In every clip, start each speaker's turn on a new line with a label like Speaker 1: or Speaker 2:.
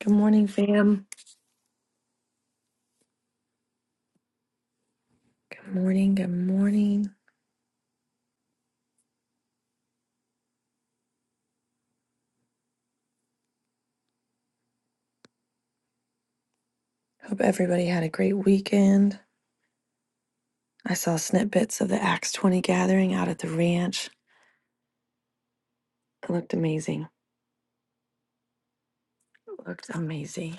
Speaker 1: Good morning, fam. Good morning. Good morning. Hope everybody had a great weekend. I saw snippets of the Acts 20 gathering out at the ranch. It looked amazing. It looked amazing.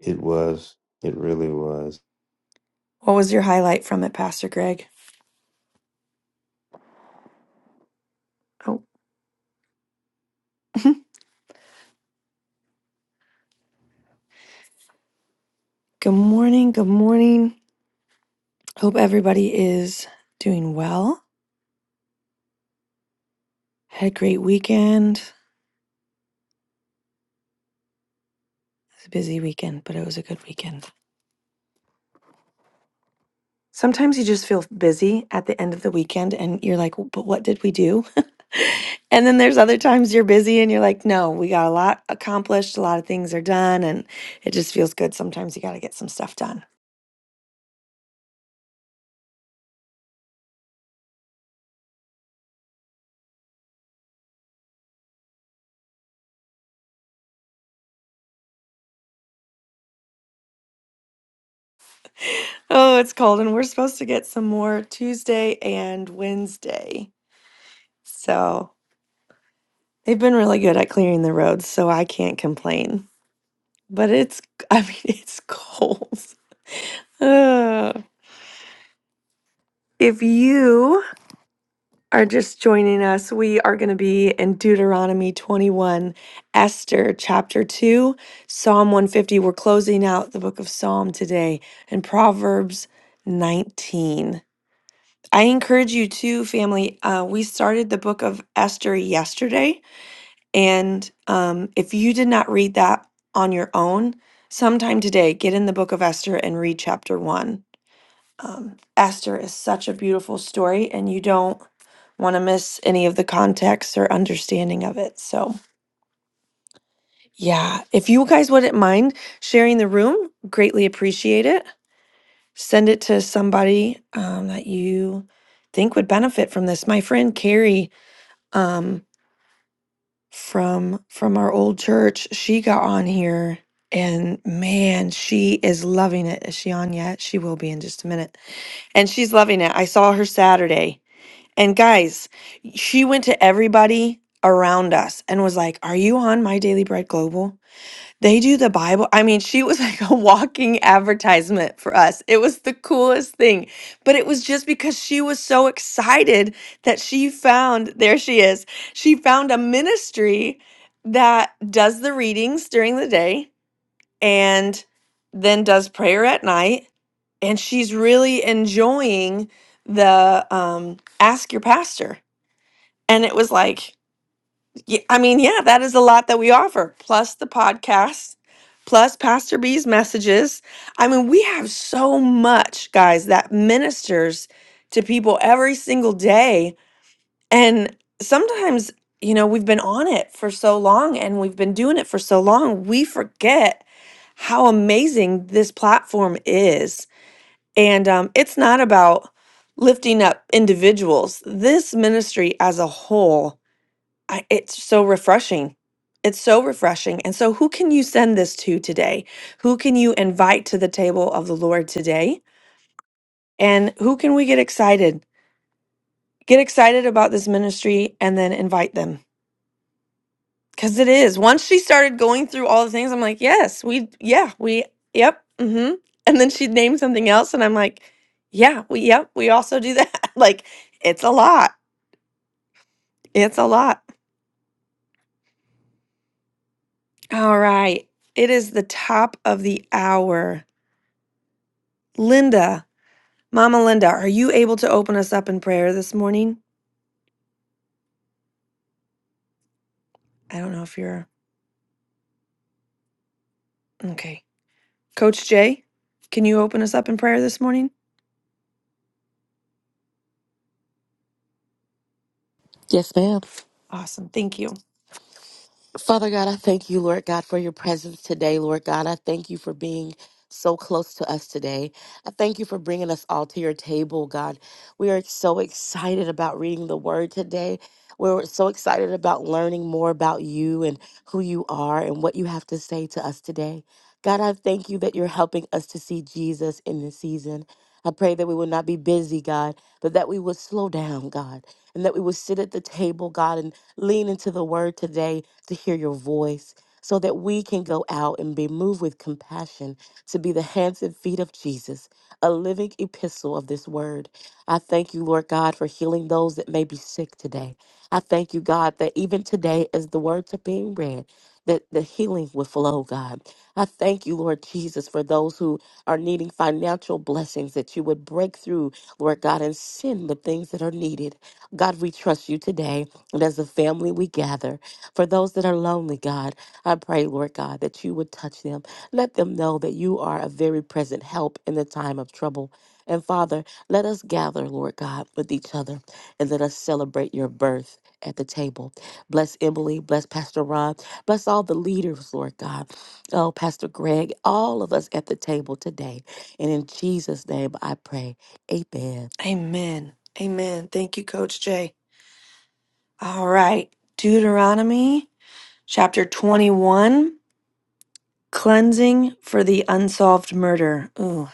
Speaker 2: It was. It really was.
Speaker 1: What was your highlight from it, Pastor Greg? Oh, good morning. Good morning. Hope everybody is doing well. Had a great weekend. It was a busy weekend, but it was a good weekend. Sometimes you just feel busy at the end of the weekend and you're like, but what did we do? and then there's other times you're busy and you're like, no, we got a lot accomplished, a lot of things are done, and it just feels good. Sometimes you got to get some stuff done. Oh, it's cold, and we're supposed to get some more Tuesday and Wednesday. So they've been really good at clearing the roads, so I can't complain. But it's, I mean, it's cold. Ugh. if you are just joining us, we are going to be in Deuteronomy 21, Esther chapter 2, Psalm 150. We're closing out the book of Psalm today and Proverbs 19. I encourage you too, family. Uh, we started the book of Esther yesterday. And um, if you did not read that on your own, sometime today, get in the book of Esther and read chapter 1. Um, Esther is such a beautiful story, and you don't want to miss any of the context or understanding of it. So, yeah, if you guys wouldn't mind sharing the room, greatly appreciate it. Send it to somebody um, that you think would benefit from this. My friend Carrie um, from from our old church, she got on here, and man, she is loving it. Is she on yet? She will be in just a minute, and she's loving it. I saw her Saturday And guys, she went to everybody around us and was like, Are you on My Daily Bread Global? They do the Bible. I mean, she was like a walking advertisement for us. It was the coolest thing. But it was just because she was so excited that she found, there she is, she found a ministry that does the readings during the day and then does prayer at night. And she's really enjoying the um, Ask Your Pastor and it was like, y- I mean, yeah, that is a lot that we offer, plus the podcast, plus Pastor B's messages. I mean, we have so much, guys, that ministers to people every single day. And sometimes, you know, we've been on it for so long and we've been doing it for so long, we forget how amazing this platform is. And um, it's not about lifting up individuals, this ministry as a whole I, it's so refreshing. It's so refreshing. And so, who can you send this to today? Who can you invite to the table of the Lord today? And who can we get excited? Get excited about this ministry and then invite them. Because it is. Once she started going through all the things, I'm like, yes, we, yeah, we, yep, mm hmm. And then she'd name something else. And I'm like, yeah, we, yep, we also do that. like, it's a lot. It's a lot. All right. It is the top of the hour. Linda, Mama Linda, are you able to open us up in prayer this morning? I don't know if you're okay. Coach Jay, can you open us up in prayer this morning?
Speaker 3: Yes, ma'am.
Speaker 1: Awesome. Thank you.
Speaker 3: Father God, I thank you, Lord God, for your presence today. Lord God, I thank you for being so close to us today. I thank you for bringing us all to your table, God. We are so excited about reading the word today. We're so excited about learning more about you and who you are and what you have to say to us today. God, I thank you that you're helping us to see Jesus in this season. I pray that we will not be busy, God, but that we would slow down, God and that we would sit at the table, God, and lean into the word today to hear your voice so that we can go out and be moved with compassion to be the hands and feet of Jesus, a living epistle of this word. I thank you, Lord God, for healing those that may be sick today. I thank you, God, that even today, as the words are being read, that the healing will flow, God. I thank you, Lord Jesus, for those who are needing financial blessings, that you would break through, Lord God, and send the things that are needed. God, we trust you today. And as a family, we gather. For those that are lonely, God, I pray, Lord God, that you would touch them. Let them know that you are a very present help in the time of trouble. And Father, let us gather, Lord God, with each other and let us celebrate your birth at the table. Bless Emily, bless Pastor Ron, bless all the leaders, Lord God. Oh, Pastor Greg, all of us at the table today. And in Jesus' name I pray. Amen.
Speaker 1: Amen. Amen. Thank you, Coach Jay. All right. Deuteronomy Chapter 21 Cleansing for the Unsolved Murder. Ooh,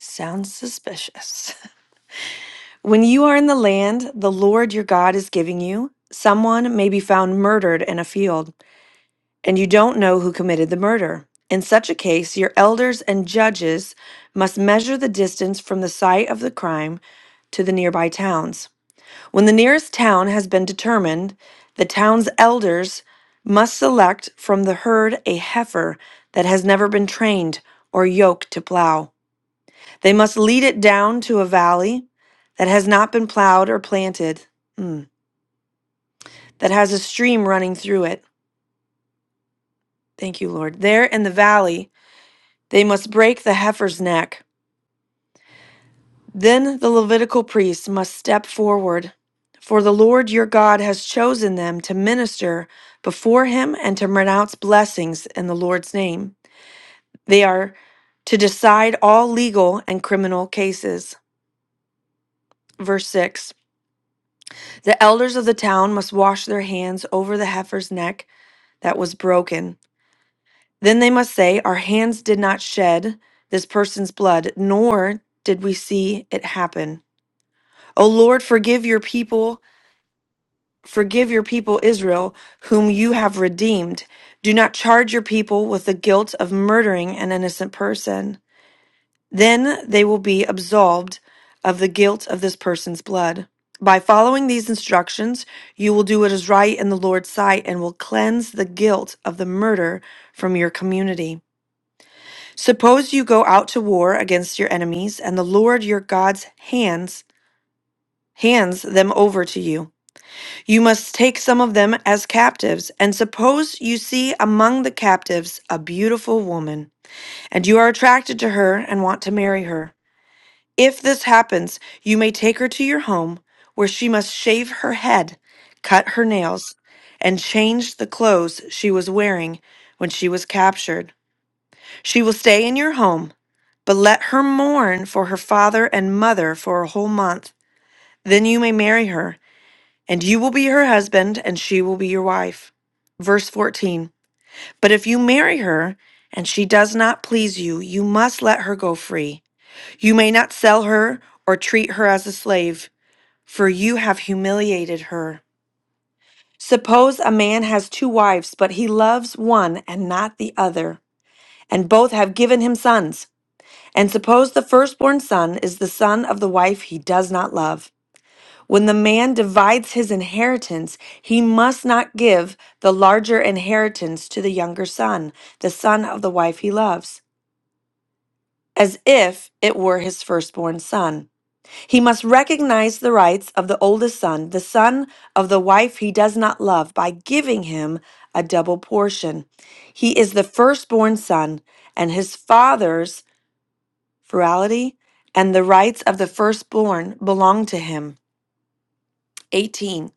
Speaker 1: sounds suspicious. When you are in the land the Lord your God is giving you, someone may be found murdered in a field, and you don't know who committed the murder. In such a case, your elders and judges must measure the distance from the site of the crime to the nearby towns. When the nearest town has been determined, the town's elders must select from the herd a heifer that has never been trained or yoked to plow. They must lead it down to a valley that has not been plowed or planted, mm, that has a stream running through it. Thank you, Lord. There in the valley, they must break the heifer's neck Then the Levitical priests must step forward, for the Lord your God has chosen them to minister before him and to pronounce blessings in the Lord's name. They are to decide all legal and criminal cases. Verse 6 The elders of the town must wash their hands over the heifer's neck that was broken. Then they must say, Our hands did not shed this person's blood, nor did we see it happen. O Lord, forgive your people Forgive your people Israel, whom you have redeemed. Do not charge your people with the guilt of murdering an innocent person. Then they will be absolved of the guilt of this person's blood. By following these instructions, you will do what is right in the Lord's sight and will cleanse the guilt of the murder from your community. Suppose you go out to war against your enemies, and the Lord your God's hands hands them over to you. You must take some of them as captives. And suppose you see among the captives a beautiful woman, and you are attracted to her and want to marry her. If this happens, you may take her to your home, where she must shave her head, cut her nails, and change the clothes she was wearing when she was captured. She will stay in your home, but let her mourn for her father and mother for a whole month. Then you may marry her and you will be her husband, and she will be your wife. Verse 14 But if you marry her, and she does not please you, you must let her go free. You may not sell her or treat her as a slave, for you have humiliated her. Suppose a man has two wives, but he loves one and not the other, and both have given him sons. And suppose the firstborn son is the son of the wife he does not love. When the man divides his inheritance, he must not give the larger inheritance to the younger son, the son of the wife he loves, as if it were his firstborn son. He must recognize the rights of the oldest son, the son of the wife he does not love, by giving him a double portion. He is the firstborn son, and his father's plurality and the rights of the firstborn belong to him. 18.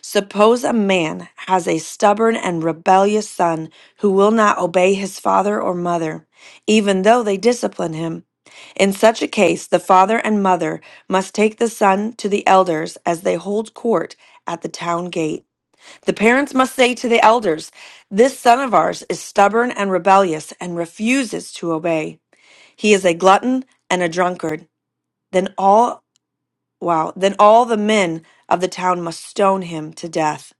Speaker 1: Suppose a man has a stubborn and rebellious son who will not obey his father or mother, even though they discipline him. In such a case, the father and mother must take the son to the elders as they hold court at the town gate. The parents must say to the elders, This son of ours is stubborn and rebellious and refuses to obey. He is a glutton and a drunkard. Then all Wow. Then all the men of the town must stone him to death.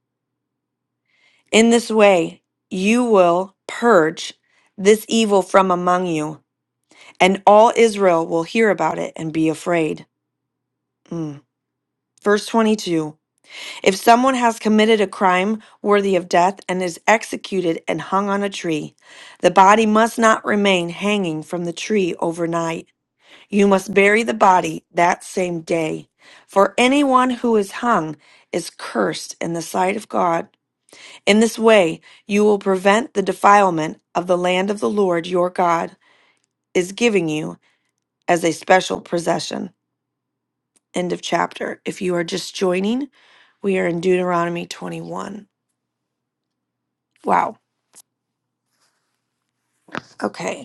Speaker 1: In this way, you will purge this evil from among you, and all Israel will hear about it and be afraid. Mm. Verse 22 If someone has committed a crime worthy of death and is executed and hung on a tree, the body must not remain hanging from the tree overnight. You must bury the body that same day, for anyone who is hung is cursed in the sight of God. In this way, you will prevent the defilement of the land of the Lord your God is giving you as a special possession. End of chapter. If you are just joining, we are in Deuteronomy 21. Wow. Okay.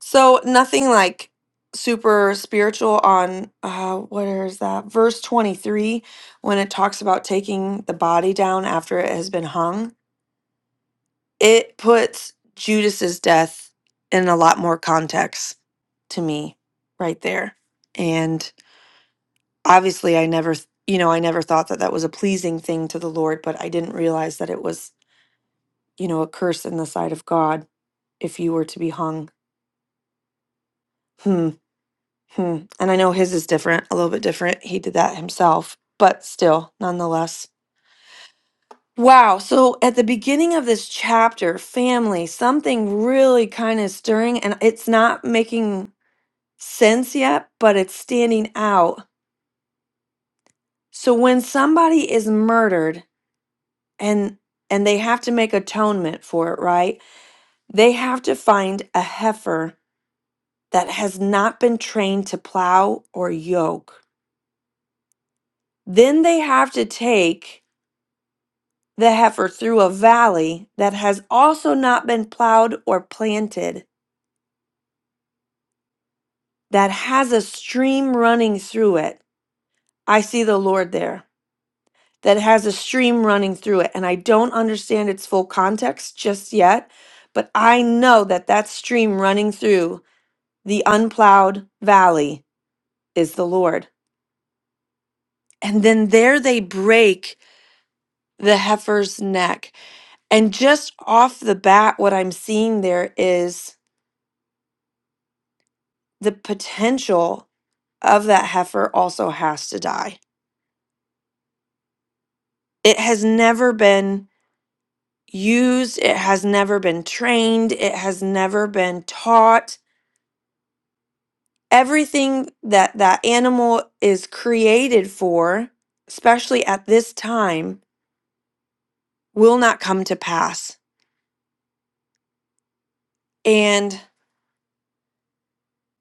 Speaker 1: So nothing like super spiritual on uh where is that? Verse 23 when it talks about taking the body down after it has been hung. It puts Judas's death in a lot more context to me right there. And obviously I never th- you know, I never thought that that was a pleasing thing to the Lord, but I didn't realize that it was, you know, a curse in the sight of God if you were to be hung. hmm. Hmm. And I know his is different, a little bit different. He did that himself, but still, nonetheless. Wow. So at the beginning of this chapter, family, something really kind of stirring, and it's not making sense yet, but it's standing out. So when somebody is murdered and and they have to make atonement for it, right? They have to find a heifer that has not been trained to plow or yoke. Then they have to take the heifer through a valley that has also not been plowed or planted, that has a stream running through it. I see the Lord there that has a stream running through it. And I don't understand its full context just yet, but I know that that stream running through the unplowed valley is the Lord. And then there they break the heifer's neck. And just off the bat, what I'm seeing there is the potential of that heifer also has to die. It has never been used, it has never been trained, it has never been taught. Everything that that animal is created for, especially at this time, will not come to pass. And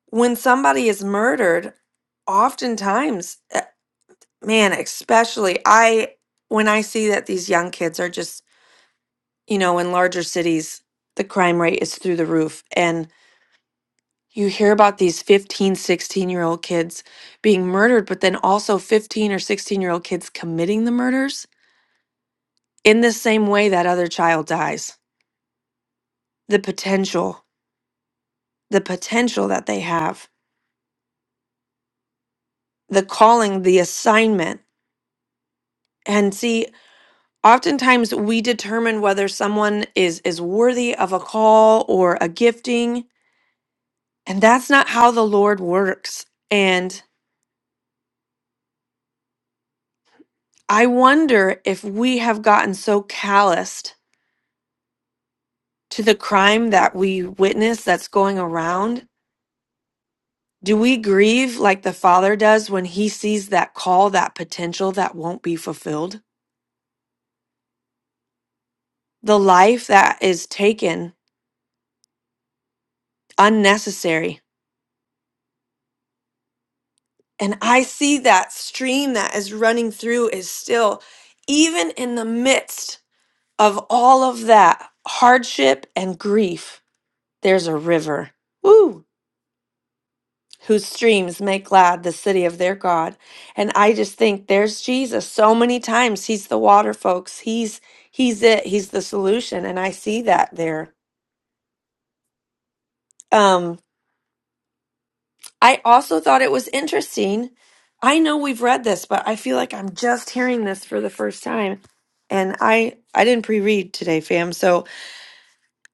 Speaker 1: when somebody is murdered, oftentimes, eh, man, especially I when I see that these young kids are just, you know, in larger cities, the crime rate is through the roof and You hear about these 1516 year old kids being murdered, but then also 15 or 16 year old kids committing the murders in the same way that other child dies. The potential, the potential that they have, the calling, the assignment. And see, oftentimes we determine whether someone is, is worthy of a call or a gifting, and that's not how the Lord works. And I wonder if we have gotten so calloused to the crime that we witness that's going around? Do we grieve like the Father does when he sees that call, that potential that won't be fulfilled? The life that is taken unnecessary. And I see that stream that is running through is still, even in the midst of all of that hardship and grief, there's a river. Woo! whose streams make glad the city of their God. And I just think there's Jesus so many times. He's the water, folks. He's he's it. He's the solution. And I see that there. Um, I also thought it was interesting. I know we've read this, but I feel like I'm just hearing this for the first time. And I I didn't pre-read today, fam. So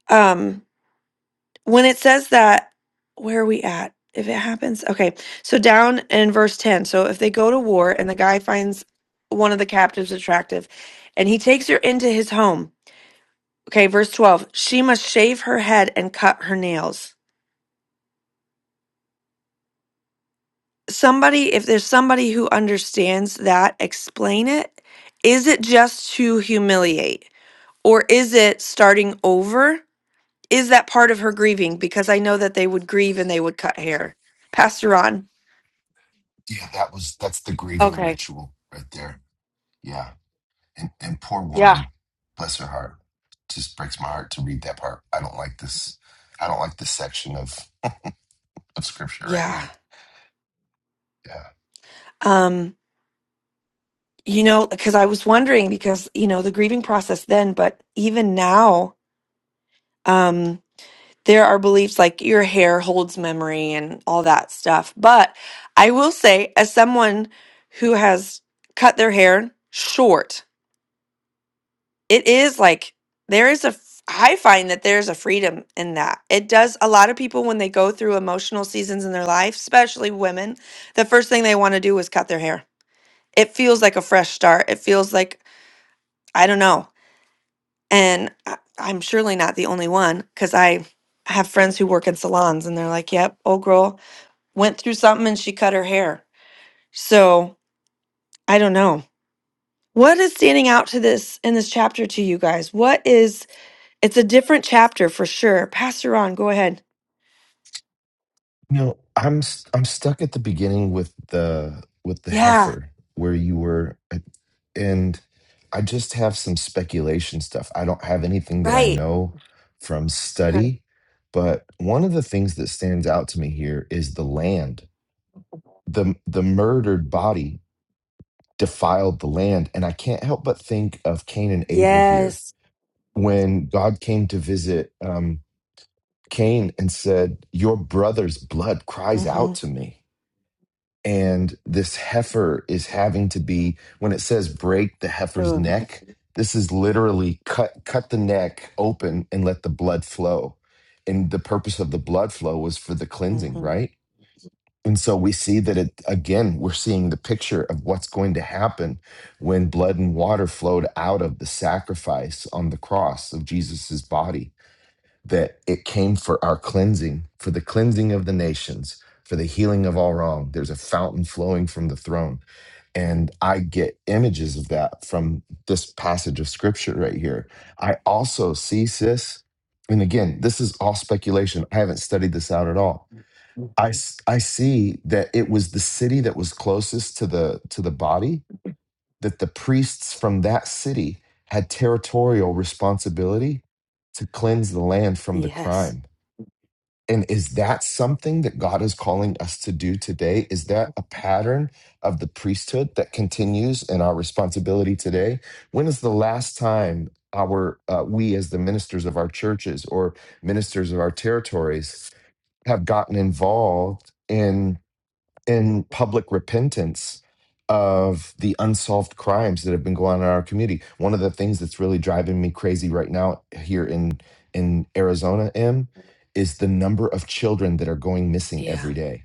Speaker 1: um when it says that, where are we at? If it happens, okay. So down in verse 10, so if they go to war and the guy finds one of the captives attractive and he takes her into his home, okay, verse 12, she must shave her head and cut her nails. Somebody, if there's somebody who understands that, explain it. Is it just to humiliate or is it starting over? Is that part of her grieving? Because I know that they would grieve and they would cut hair. Pastor Ron.
Speaker 4: Yeah, that was that's the grieving
Speaker 1: okay.
Speaker 4: ritual right there. Yeah. And and poor
Speaker 1: Yeah.
Speaker 4: woman, bless her heart. Just breaks my heart to read that part. I don't like this. I don't like this section of of scripture right
Speaker 1: Yeah.
Speaker 4: here. Yeah.
Speaker 1: Um, you know, because I was wondering because, you know, the grieving process then, but even now, um, there are beliefs like your hair holds memory and all that stuff. But I will say, as someone who has cut their hair short, it is like there is a, f- I find that there's a freedom in that. It does a lot of people when they go through emotional seasons in their life, especially women, the first thing they want to do is cut their hair it feels like a fresh start. It feels like I don't know, and I, I'm surely not the only one because I have friends who work in salons, and they're like, "Yep, old girl went through something and she cut her hair." So I don't know. What is standing out to this in this chapter to you guys? What is? It's a different chapter for sure. Pastor Ron, go ahead.
Speaker 4: No, I'm st- I'm stuck at the beginning with the with the
Speaker 1: Yeah,
Speaker 4: heifer where you were uh, and I just have some speculation stuff. I don't have anything that I
Speaker 1: right.
Speaker 4: know from
Speaker 1: Okay.
Speaker 4: study, but one of the things that stands out to me here is the land the the murdered body defiled the land and i can't help but think of cain and abel here
Speaker 1: Yes.
Speaker 4: when god came to visit um, cain and said your brother's blood cries out
Speaker 1: Mhm.
Speaker 4: to me and this heifer is having to be when it says break the heifer's
Speaker 1: Ugh.
Speaker 4: neck this is literally cut cut the neck open and let the blood flow and the purpose of the blood flow was for the cleansing
Speaker 1: Mhm.
Speaker 4: right And so we see that it again, we're seeing the picture of what's going to happen when blood and water flowed out of the sacrifice on the cross of Jesus's body, that it came for our cleansing, for the cleansing of the nations, for the healing of all wrong. There's a fountain flowing from the throne. And I get images of that from this passage of scripture right here. I also see, sis, and again, this is all speculation. I haven't studied this out at all I, s- I see that it was the city that was closest to the to the body that the priests from that city had territorial responsibility to cleanse the land from the
Speaker 1: Yes.
Speaker 4: crime and is that something that god is calling us to do today is that a pattern of the priesthood that continues in our responsibility today when is the last time our uh, we as the ministers of our churches or ministers of our territories have gotten involved in in public repentance of the unsolved crimes that have been going on in our community. One of the things that's really driving me crazy right now here in in Arizona, M, is the number of children that are going missing
Speaker 1: Yeah.
Speaker 4: every day.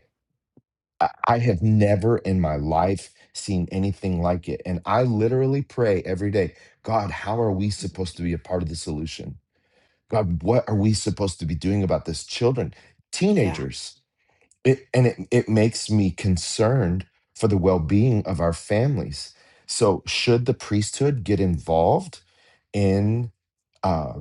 Speaker 4: I, I have never in my life seen anything like it, and I literally pray every day, God, how are we supposed to be a part of the solution? God, what are we supposed to be doing about this? Children,
Speaker 1: Yeah.
Speaker 4: teenagers. It, and it, it makes me concerned for the well being of our families. So, should the priesthood get involved in? uh,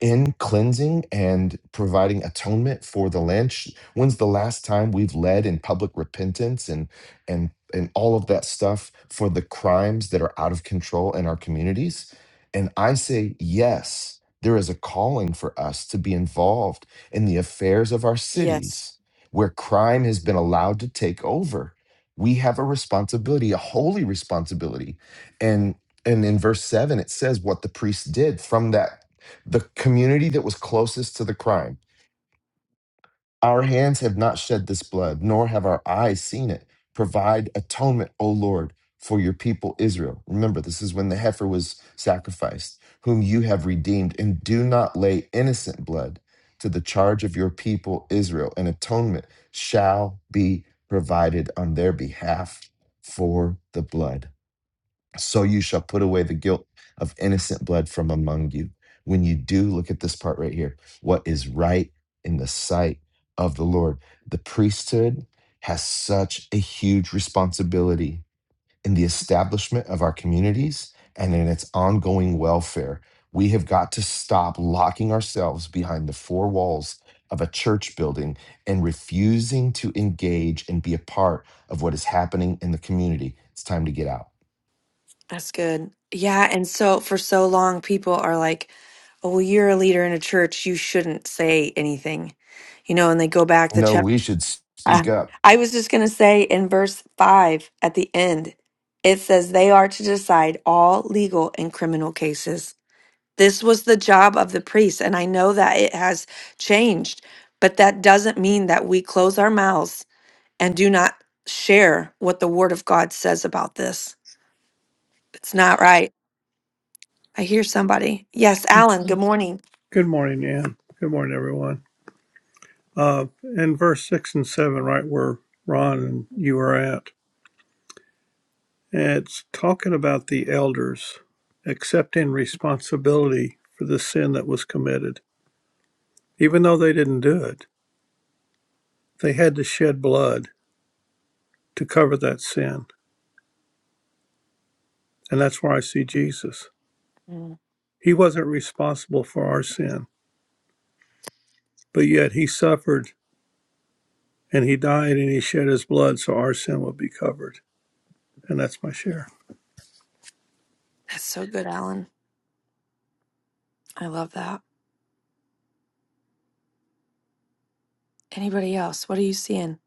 Speaker 4: in cleansing and providing atonement for the land. Sh- When's the last time we've led in public repentance and and and all of that stuff for the crimes that are out of control in our communities? And I say yes, there is a calling for us to be involved in the affairs of our
Speaker 1: Yes,
Speaker 4: cities where crime has been allowed to take over. We have a responsibility, a holy responsibility. And and in verse 7 it says what the priest did from that the community that was closest to the crime. Our hands have not shed this blood, nor have our eyes seen it. Provide atonement, O Lord, for your people Israel. Remember, this is when the heifer was sacrificed, whom you have redeemed, and do not lay innocent blood to the charge of your people Israel. An atonement shall be provided on their behalf for the blood. So you shall put away the guilt of innocent blood from among you. When you do, look at this part right here what is right in the sight of the Lord. The priesthood has such a huge responsibility in the establishment of our communities and in its ongoing welfare. We have got to stop locking ourselves behind the four walls of a church building and refusing to engage and be a part of what is happening in the community. It's time to get out.
Speaker 1: that's good. Yeah, and so for so long, people are like, "Oh, well, you're a leader in a church; you shouldn't say anything," you know. And they go back to
Speaker 4: No,
Speaker 1: chapter.
Speaker 4: we should speak
Speaker 1: I
Speaker 4: up.
Speaker 1: I was just gonna say in verse five at the end, it says they are to decide all legal and criminal cases. This was the job of the priest, and I know that it has changed, but that doesn't mean that we close our mouths and do not share what the Word of God says about this. It's not right. I hear somebody. Yes, Alan, good morning.
Speaker 5: Good morning, Ann. Good morning, everyone. Uh, in verse 6 and 7, right where Ron and you are at, it's talking about the elders accepting responsibility for the sin that was committed. Even though they didn't do it, they had to shed blood to cover that sin. And that's where I see Jesus.
Speaker 1: Mm,
Speaker 5: He wasn't responsible for our sin, but yet he suffered and he died and he shed his blood so our sin would be covered. And that's my share.
Speaker 1: That's so good, Alan. I love that. Anybody else? What are you seeing?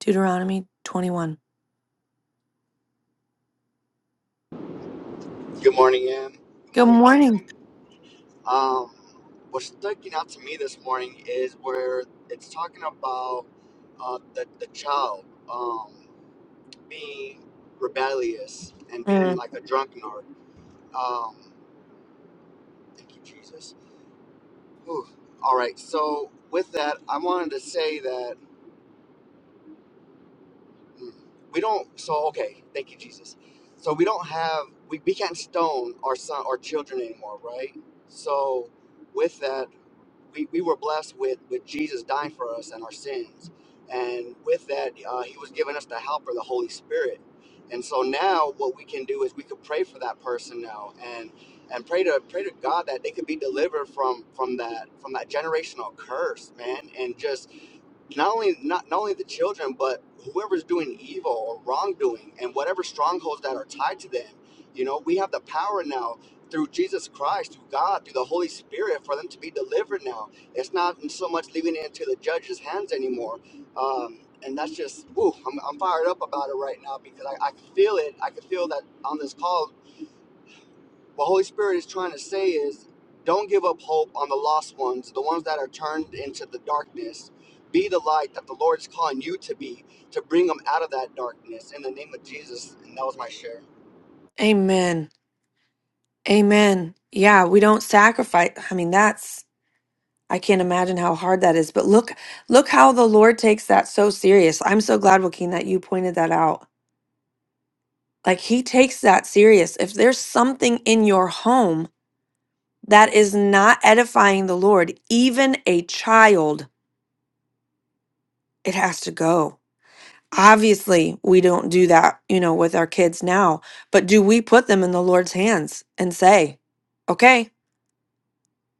Speaker 1: Deuteronomy 21.
Speaker 6: Good morning, Ann. Good
Speaker 1: Good
Speaker 6: morning, family.
Speaker 1: morning.
Speaker 6: Um, what's sticking out to me this morning is where it's talking about uh, the, the child um, being rebellious and being
Speaker 1: Mm,
Speaker 6: like a drunkard. Um, thank you, Jesus. Whew. All right, so with that, I wanted to say that mm, we don't, so okay, thank you, Jesus. So we don't have, we, we can't stone our son, our children anymore, right? So with that, we, we were blessed with, with Jesus dying for us and our sins. And with that, uh, he was giving us the helper, the Holy Spirit. And so now what we can do is we could pray for that person now and and pray to pray to God that they could be delivered from from that from that generational curse, man, and just not only not, not only the children but whoever's doing evil or wrongdoing and whatever strongholds that are tied to them you know we have the power now through jesus christ through god through the holy spirit for them to be delivered now it's not so much leaving it into the judge's hands anymore um, and that's just ooh, I'm, I'm fired up about it right now because I, I can feel it i can feel that on this call what Holy Spirit is trying to say is don't give up hope on the lost ones, the ones that are turned into the darkness. Be the light that the Lord is calling you to be, to bring them out of that darkness in the name of Jesus. And that was my share.
Speaker 1: amen. Amen. Yeah, we don't sacrifice. I mean, that's I can't imagine how hard that is. But look, look how the Lord takes that so serious. I'm so glad, Joaquin, that you pointed that out. Like he takes that serious. If there's something in your home that is not edifying the Lord, even a child, it has to go. Obviously, we don't do that, you know, with our kids now, but do we put them in the Lord's hands and say, okay,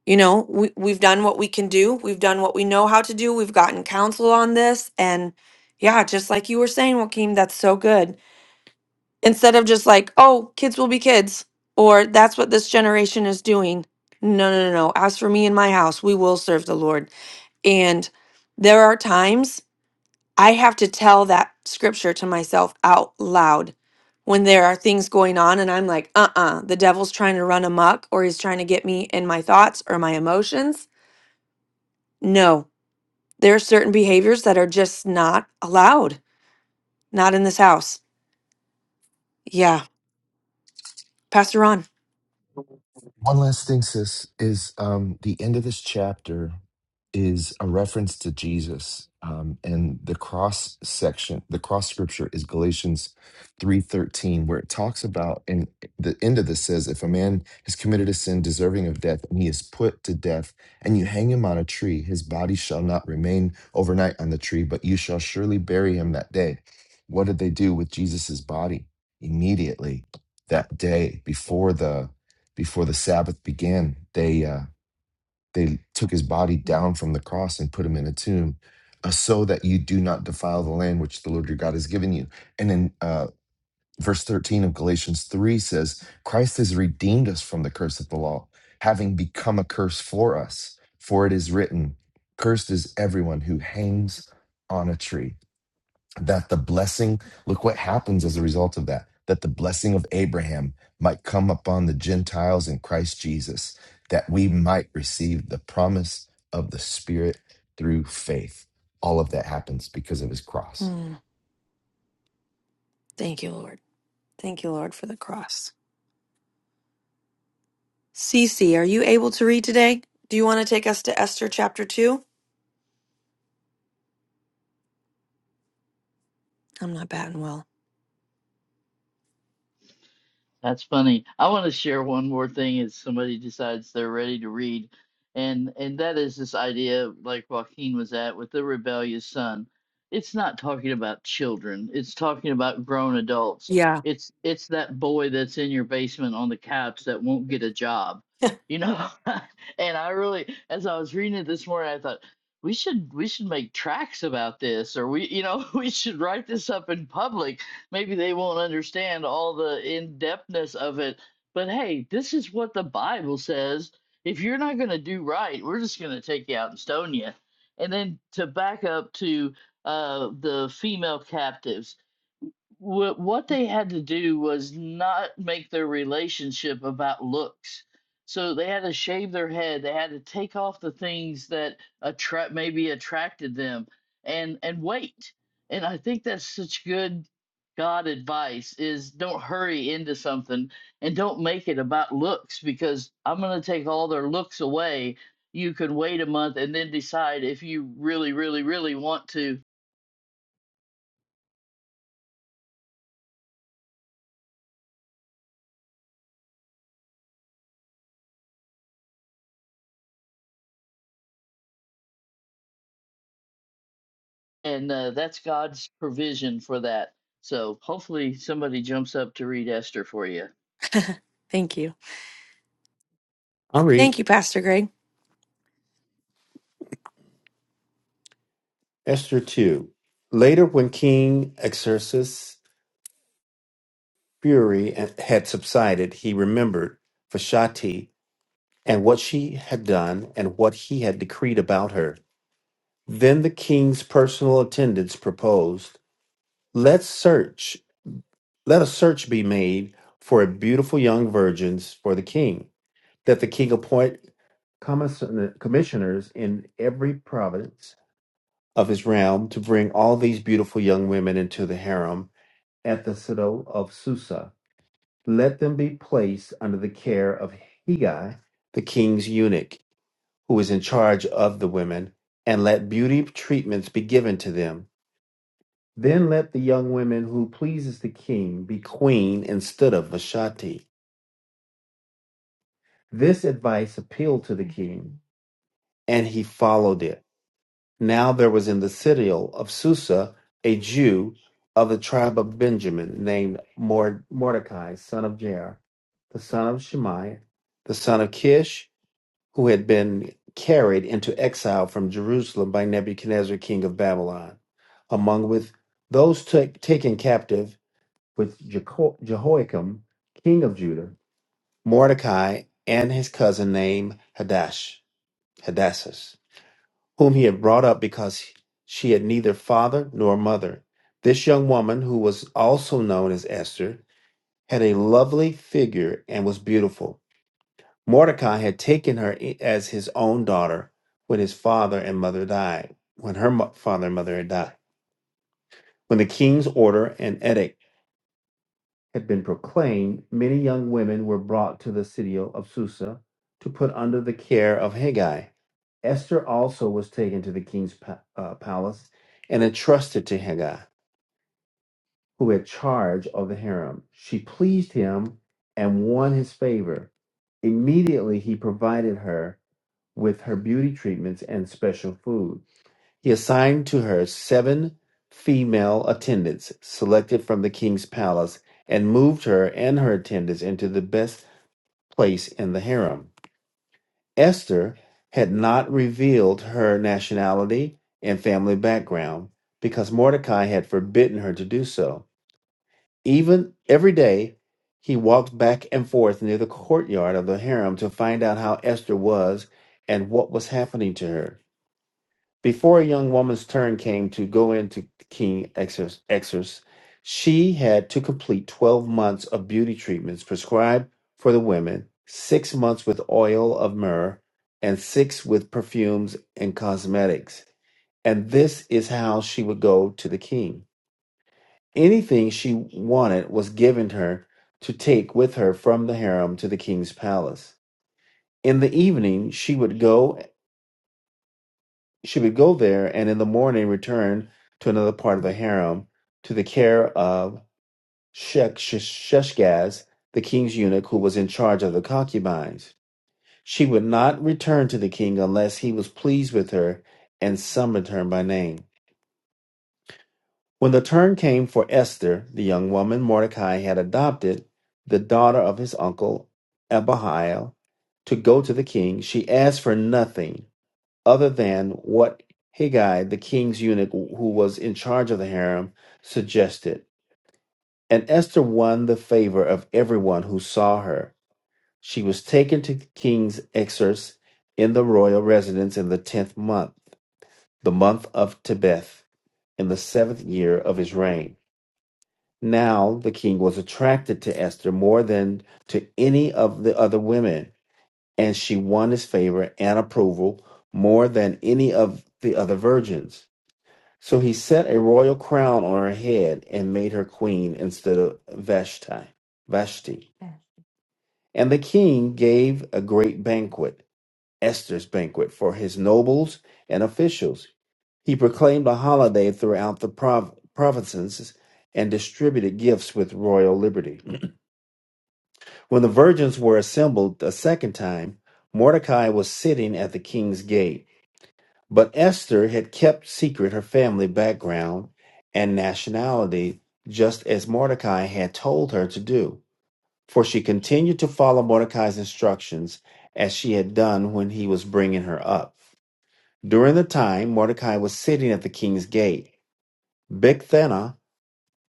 Speaker 1: you know we, we've done what we can do we've done what we know how to do we've gotten counsel on this and yeah just like you were saying joaquin that's so good instead of just like oh kids will be kids or that's what this generation is doing no no no no as for me and my house we will serve the lord and there are times i have to tell that scripture to myself out loud when there are things going on and i'm like uh-uh the devil's trying to run amok or he's trying to get me in my thoughts or my emotions no, there are certain behaviors that are just not allowed, not in this house. Yeah. Pastor Ron.
Speaker 4: One last thing, sis, is um, the end of this chapter is a reference to Jesus, um, and the cross section, the cross scripture is Galatians three thirteen, where it talks about, and the end of this says, if a man has committed a sin deserving of death, and he is put to death, and you hang him on a tree, his body shall not remain overnight on the tree, but you shall surely bury him that day. What did they do with Jesus's body immediately that day before the? before the Sabbath began, they uh, they took his body down from the cross and put him in a tomb, uh, so that you do not defile the land which the Lord your God has given you. And in uh, verse thirteen of Galatians three says, Christ has redeemed us from the curse of the law, having become a curse for us. For it is written, "Cursed is everyone who hangs on a tree." that the blessing, look what happens as a result of that, that the blessing of Abraham might come upon the Gentiles in Christ Jesus, that we might receive the promise of the Spirit through faith. All of that happens because of his cross.
Speaker 1: Mm, thank you, Lord. Thank you, Lord, for the cross. Cece, are you able to read today? Do you want to take us to Esther chapter 2? I'm not batting well.
Speaker 7: That's funny. I want to share one more thing as somebody decides they're ready to read. And and that is this idea like Joaquin was at with the rebellious son. It's not talking about children. It's talking about grown adults.
Speaker 1: Yeah.
Speaker 7: It's it's that boy that's in your basement on the couch that won't get a job. You know? and I really as I was reading it this morning I thought we should we should make tracks about this or we you know we should write this up in public maybe they won't understand all the in-depthness of it. But hey, this is what the Bible says. If you're not going to do right, we're just going to take you out and stone you. And then to back up to uh, the female captives, what what they had to do was not make their relationship about looks. So they had to shave their head. They had to take off the things that attract maybe attracted them, and and wait. And I think that's such good God advice is don't hurry into something and don't make it about looks because I'm going to take all their looks away. You could wait a month and then decide if you really, really, really want to. and uh, that's God's provision for that. So hopefully somebody jumps up to read Esther for you.
Speaker 1: Thank you.
Speaker 2: I'll
Speaker 1: Thank
Speaker 2: read
Speaker 1: you, Pastor Greg.
Speaker 2: Esther 2. Later, when King Xerxes' fury had subsided, he remembered Vashti and what she had done and what he had decreed about her. Then the king's personal attendants proposed, Let's search, let a search be made for a beautiful young virgins for the king, that the king appoint commis- commissioners in every province of his realm to bring all these beautiful young women into the harem at the citadel of Susa. Let them be placed under the care of Higai, the king's eunuch, who is in charge of the women, and let beauty treatments be given to them. Then let the young women who pleases the king be queen instead of Vashti. This advice appealed to the king, and he followed it. Now there was in the citadel of Susa a Jew of the tribe of Benjamin, named Mor- Mordecai, son of Jair, the son of Shimei, the son of Kish, who had been carried into exile from Jerusalem by Nebuchadnezzar, king of Babylon, among with those ta- taken captive with Jeho- Jehoiakim, king of Judah, Mordecai, and his cousin named Hadash, Hadassus whom he had brought up because she had neither father nor mother. This young woman, who was also known as Esther, had a lovely figure and was beautiful. Mordecai had taken her i- as his own daughter when his father and mother died, when her mo- father and mother had died. When the king's order and edict had been proclaimed, many young women were brought to the city of Susa to put under the care of Haggai. Esther also was taken to the king's pa- uh, palace and entrusted to Haggai, who had charge of the harem. She pleased him and won his favor. Immediately, he provided her with her beauty treatments and special food. He assigned to her seven female attendants selected from the king's palace and moved her and her attendants into the best place in the harem. Esther had not revealed her nationality and family background because Mordecai had forbidden her to do so. Even every day, he walked back and forth near the courtyard of the harem to find out how Esther was and what was happening to her. Before a young woman's turn came to go into King Exors, Exors, she had to complete 12 months of beauty treatments prescribed for the women, six months with oil of myrrh, and six with perfumes and cosmetics. And this is how she would go to the king. Anything she wanted was given her to take with her from the harem to the king's palace. In the evening, she would go she would go there and in the morning return to another part of the harem to the care of Shek- Sheshgaz, the king's eunuch who was in charge of the concubines. She would not return to the king unless he was pleased with her and summoned her by name. When the turn came for Esther, the young woman Mordecai had adopted, the daughter of his uncle Abihail, to go to the king, she asked for nothing other than what Haggai, the king's eunuch who was in charge of the harem, suggested. And Esther won the favor of everyone who saw her. She was taken to King's Exers in the royal residence in the tenth month, the month of Tebeth, in the seventh year of his reign. Now the king was attracted to Esther more than to any of the other women, and she won his favor and approval more than any of the other virgins. So he set a royal crown on her head and made her queen instead of Vashti. Vashti. And the king gave a great banquet, Esther's banquet, for his nobles and officials. He proclaimed a holiday throughout the prov- provinces and distributed gifts with royal liberty. When the virgins were assembled a second time, Mordecai was sitting at the king's gate. But Esther had kept secret her family background and nationality, just as Mordecai had told her to do. For she continued to follow Mordecai's instructions as she had done when he was bringing her up. During the time Mordecai was sitting at the king's gate, Bigthana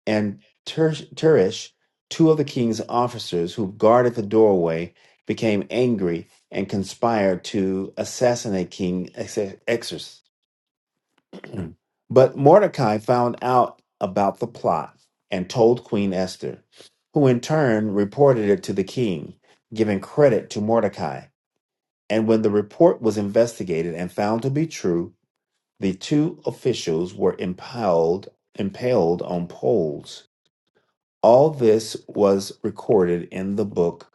Speaker 2: and Ter- Teresh, two of the king's officers who guarded the doorway, became angry and conspired to assassinate King Exer- Xerxes. Mm. But Mordecai found out about the plot and told Queen Esther, who in turn reported it to the king, giving credit to Mordecai. And when the report was investigated and found to be true, the two officials were impaled, impaled on poles. All this was recorded in the book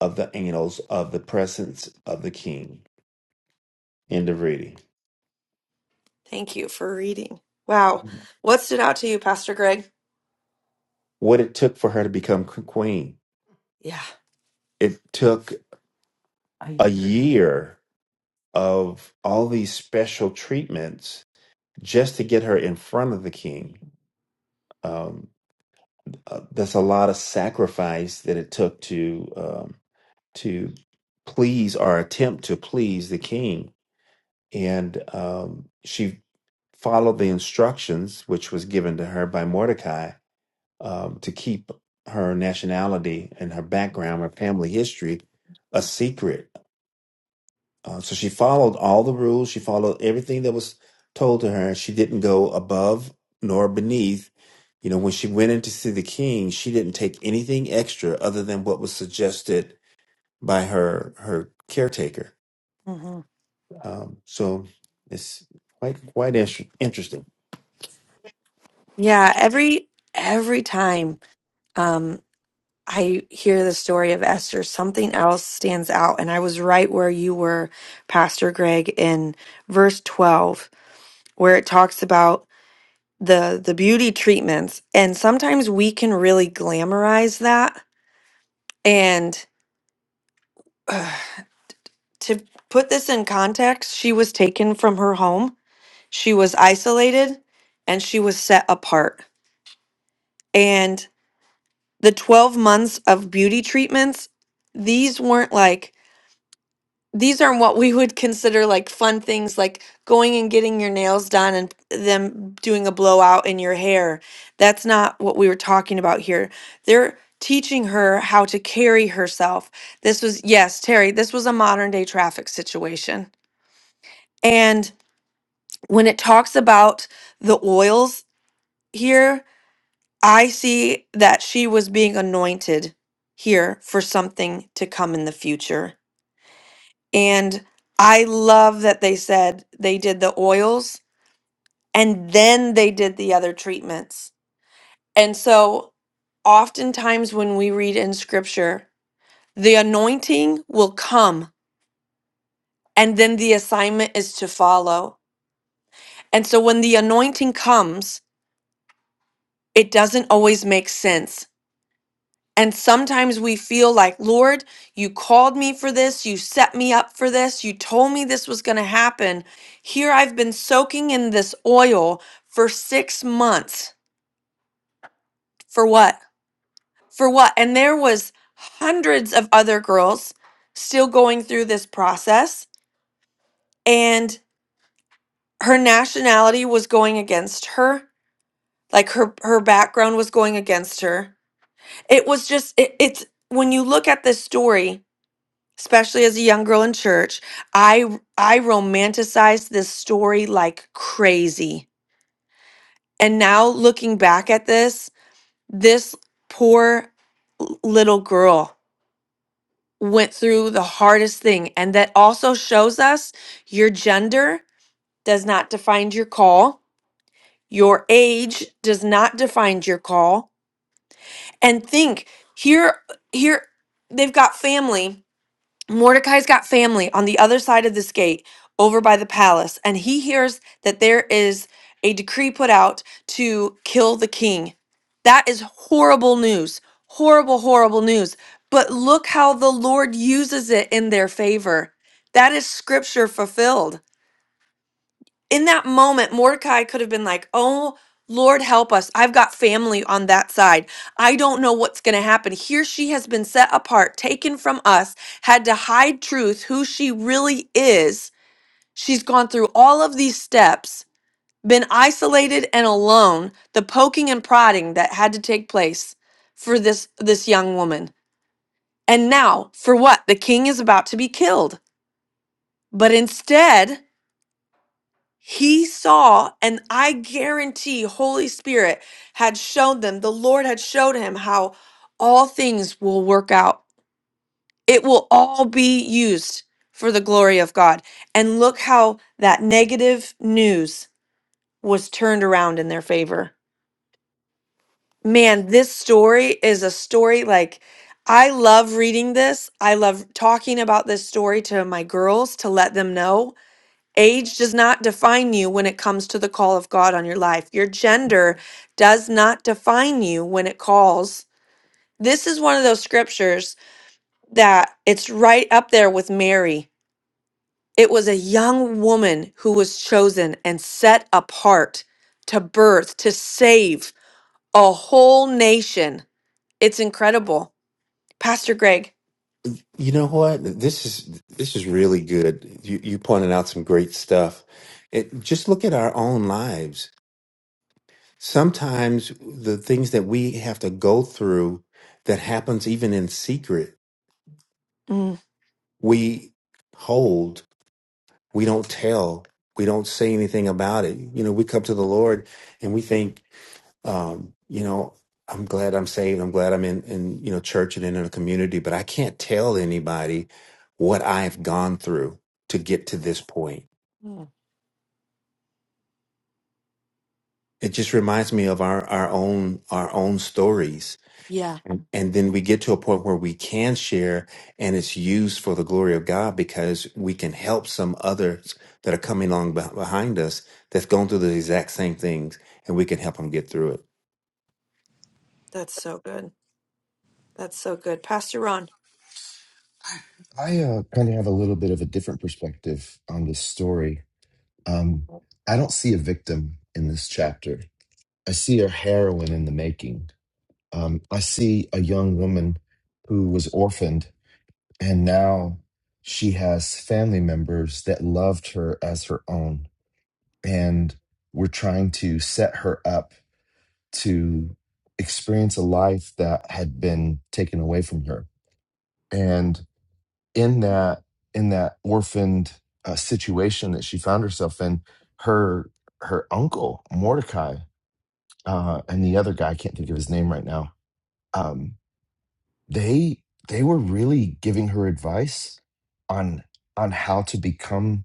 Speaker 2: of the annals of the presence of the king. End of reading.
Speaker 1: Thank you for reading. Wow. What stood out to you, Pastor Greg?
Speaker 2: What it took for her to become queen.
Speaker 1: Yeah.
Speaker 2: It took a year of all these special treatments just to get her in front of the king. Um, uh, that's a lot of sacrifice that it took to um, to please or attempt to please the king. And um, she followed the instructions which was given to her by Mordecai um, to keep her nationality and her background, her family history, a secret Uh, so she followed all the rules. She followed everything that was told to her. She didn't go above nor beneath. You know, when she went in to see the king, she didn't take anything extra other than what was suggested by her her caretaker.
Speaker 1: hmm
Speaker 2: Um, so it's quite quite inter- interesting.
Speaker 1: Yeah, every every time um, I hear the story of Esther, something else stands out, and I was right where you were, Pastor Greg, in verse twelve, where it talks about. the the beauty treatments and sometimes we can really glamorize that and ugh, to put this in context she was taken from her home she was isolated and she was set apart and the 12 months of beauty treatments these weren't like these are what we would consider like fun things like going and getting your nails done and them doing a blowout in your hair. That's not what we were talking about here. They're teaching her how to carry herself. This was, yes, Terry, this was a modern day traffic situation. And when it talks about the oils here, I see that she was being anointed here for something to come in the future And I love that they said they did the oils and then they did the other treatments. And so, oftentimes when we read in scripture, the anointing will come and then the assignment is to follow. And so, when the anointing comes, it doesn't always make sense And sometimes we feel like, Lord, you called me for this. You set me up for this. You told me this was going to happen. Here I've been soaking in this oil for six months. For what? For what? And there was hundreds of other girls still going through this process and her nationality was going against her. Like her, her background was going against her. It was just, it, it's when you look at this story, especially as a young girl in church i i romanticized this story like crazy and now looking back at this this poor l- little girl went through the hardest thing and that also shows us your gender does not define your call your age does not define your call and think here here they've got family Mordecai's got family on the other side of this gate over by the palace, and he hears that there is a decree put out to kill the king. That is horrible news. Horrible, horrible news. But look how the Lord uses it in their favor. That is scripture fulfilled in that moment, Mordecai could have been like, Oh, Lord, help us. I've got family on that side. I don't know what's going to happen. Here she has been set apart, taken from us, had to hide truth, who she really is. She's gone through all of these steps, been isolated and alone, the poking and prodding that had to take place for this this young woman. And now, for what? The king is about to be killed. But instead, He saw, and I guarantee Holy Spirit had shown them, the Lord had showed him how all things will work out. It will all be used for the glory of God. And look how that negative news was turned around in their favor. Man, this story is a story like I love reading this. I love talking about this story to my girls to let them know Age does not define you when it comes to the call of God on your life. Your gender does not define you when it calls. This is one of those scriptures that it's right up there with Mary. It was a young woman who was chosen and set apart to birth, to save a whole nation. It's incredible. Pastor Greg.
Speaker 2: You know what? This is this is really good. You you pointed out some great stuff. It, just look at our own lives sometimes the things that we have to go through that happens even in secret
Speaker 1: Mm.
Speaker 2: we hold we don't tell we don't say anything about it you know we come to the lord and we think um you know i'm glad i'm saved i'm glad i'm in in you know church and in a community but i can't tell anybody what i've gone through to get to this point
Speaker 1: Mm.
Speaker 2: it just reminds me of our our own our own stories
Speaker 1: Yeah,
Speaker 2: And then we get to a point where we can share and it's used for the glory of God because we can help some others that are coming along beh- behind us that's going through the exact same things and we can help them get through it.
Speaker 1: that's so good. That's so good. Pastor Ron.
Speaker 4: I uh, kind of have a little bit of a different perspective on this story. Um, I don't see a victim in this chapter. I see a heroine in the making. Um, I see a young woman who was orphaned And now she has family members that loved her as her own. And we're trying to set her up to experience a life that had been taken away from her. And in that, in that orphaned uh, situation that she found herself in, her her uncle Mordecai uh, and the other guy I can't think of his name right now. Um, they they were really giving her advice on on how to become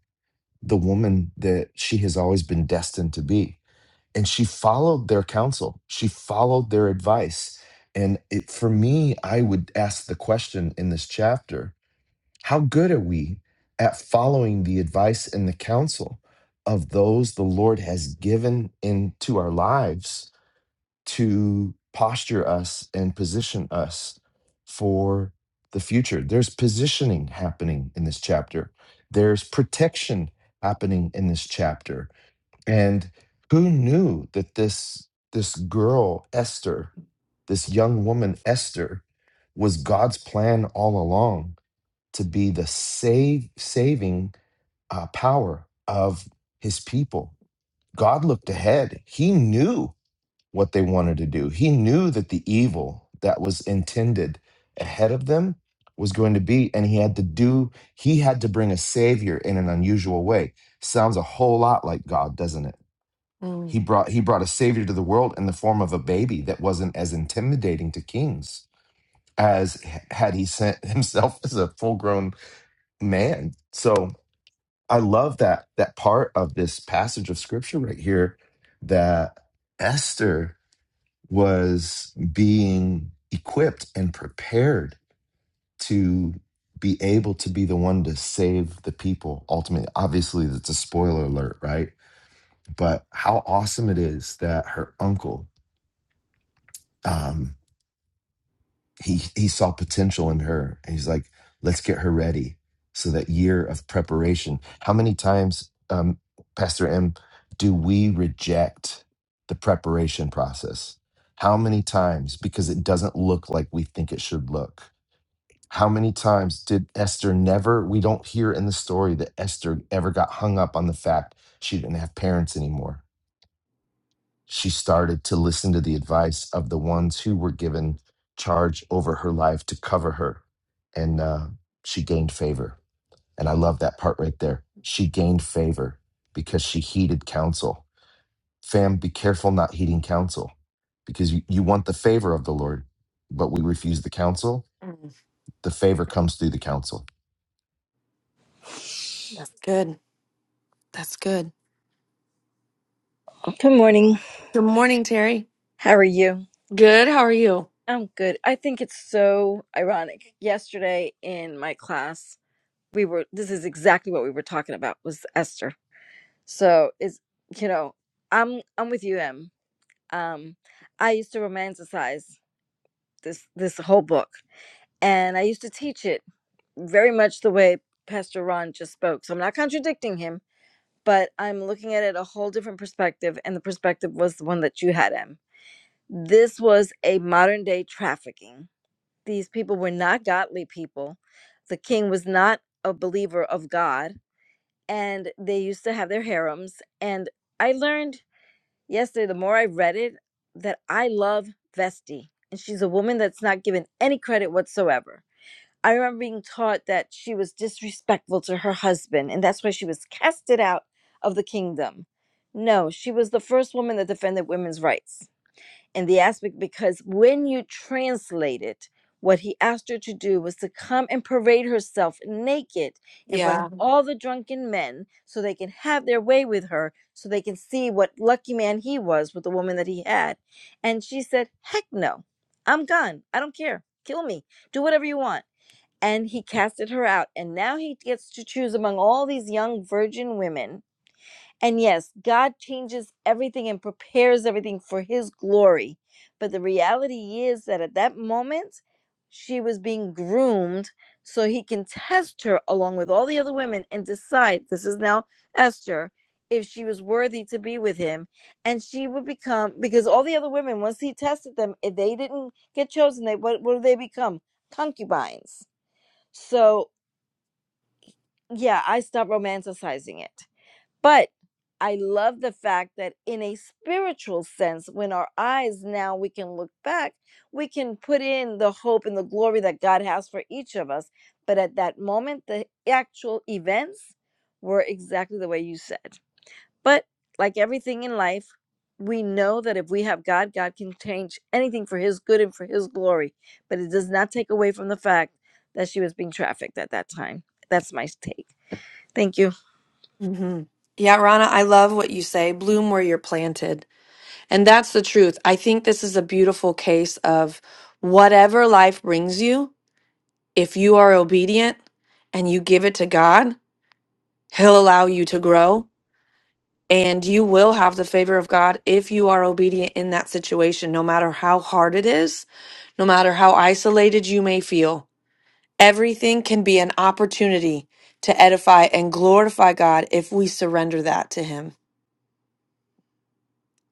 Speaker 4: the woman that she has always been destined to be. And she followed their counsel, she followed their advice. And it, for me, I would ask the question in this chapter how good are we at following the advice and the counsel of those the Lord has given into our lives? to posture us and position us for the future. There's positioning happening in this chapter, there's protection happening in this chapter. And who knew that this this girl Esther, this young woman Esther was God's plan all along to be the save saving uh, power of his people. God looked ahead. He knew what they wanted to do. He knew that the evil that was intended ahead of them was going to be, and he had to do, he had to bring a savior in an unusual way. Sounds a whole lot like God, doesn't it? He brought he brought a savior to the world in the form of a baby that wasn't as intimidating to kings as h- had he sent himself as a full-grown man. So I love that that part of this passage of scripture right here that Esther was being equipped and prepared to be able to be the one to save the people ultimately obviously it's a spoiler alert right but how awesome it is that her uncle um, he he saw potential in her and he's like let's get her ready so that year of preparation how many times um pastor m do we reject the preparation process how many times because it doesn't look like we think it should look how many times did esther never we don't hear in the story that esther ever got hung up on the fact she didn't have parents anymore she started to listen to the advice of the ones who were given charge over her life to cover her. And uh, she gained favor. And I love that part right there. She gained favor because she heeded counsel. Fam, be careful not heeding counsel because you, you want the favor of the Lord, but we refuse the counsel.
Speaker 1: Mm,
Speaker 4: The favor comes through the counsel.
Speaker 1: That's good. That's good.
Speaker 8: Good morning.
Speaker 1: Good morning, Terry.
Speaker 8: How are you?
Speaker 1: Good. How are you?
Speaker 8: I'm good. I think it's so ironic. Yesterday in my class, we were this is exactly what we were talking about was Esther. So is you know, I'm I'm with you, Em. Um, I used to romanticize this this whole book, and I used to teach it very much the way Pastor Ron just spoke. So I'm not contradicting him, but I'm looking at it a whole different perspective, and the perspective was the one that you had, Em This was a modern day trafficking. These people were not godly people. The king was not a believer of God, and they used to have their harems. And I learned yesterday, the more I read it, that I love Vesti, and she's a woman that's not given any credit whatsoever. I remember being taught that she was disrespectful to her husband, and that's why she was casted out of the kingdom. No, she was the first woman that defended women's rights in the aspect because when you translate it, what he asked her to do was to come and parade herself naked in front of
Speaker 1: Yeah.
Speaker 8: all the drunken men so they can have their way with her, so they can see what lucky man he was with the woman that he had. And she said, Heck no, I'm gone. I don't care. Kill me. Do whatever you want. And he casted her out. And now he gets to choose among all these young virgin women and yes, God changes everything and prepares everything for his glory. But the reality is that at that moment, she was being groomed so he can test her along with all the other women and decide this is now Esther if she was worthy to be with him and she would become because all the other women once he tested them if they didn't get chosen they what, what do they become concubines so yeah i stopped romanticizing it but I love the fact that in a spiritual sense, when our eyes now we can look back, we can put in the hope and the glory that God has for each of us. But at that moment, the actual events were exactly the way you said. But like everything in life, we know that if we have God, God can change anything for his good and for his glory. But it does not take away from the fact that she was being trafficked at that time. That's my take. Thank you.
Speaker 1: hmm Yeah, Rana, I love what you say. Bloom where you're planted. And that's the truth. I think this is a beautiful case of whatever life brings you, if you are obedient and you give it to God, He'll allow you to grow and you will have the favor of God if you are obedient in that situation, no matter how hard it is, no matter how isolated you may feel. Everything can be an opportunity to edify and glorify God if we surrender that to Him.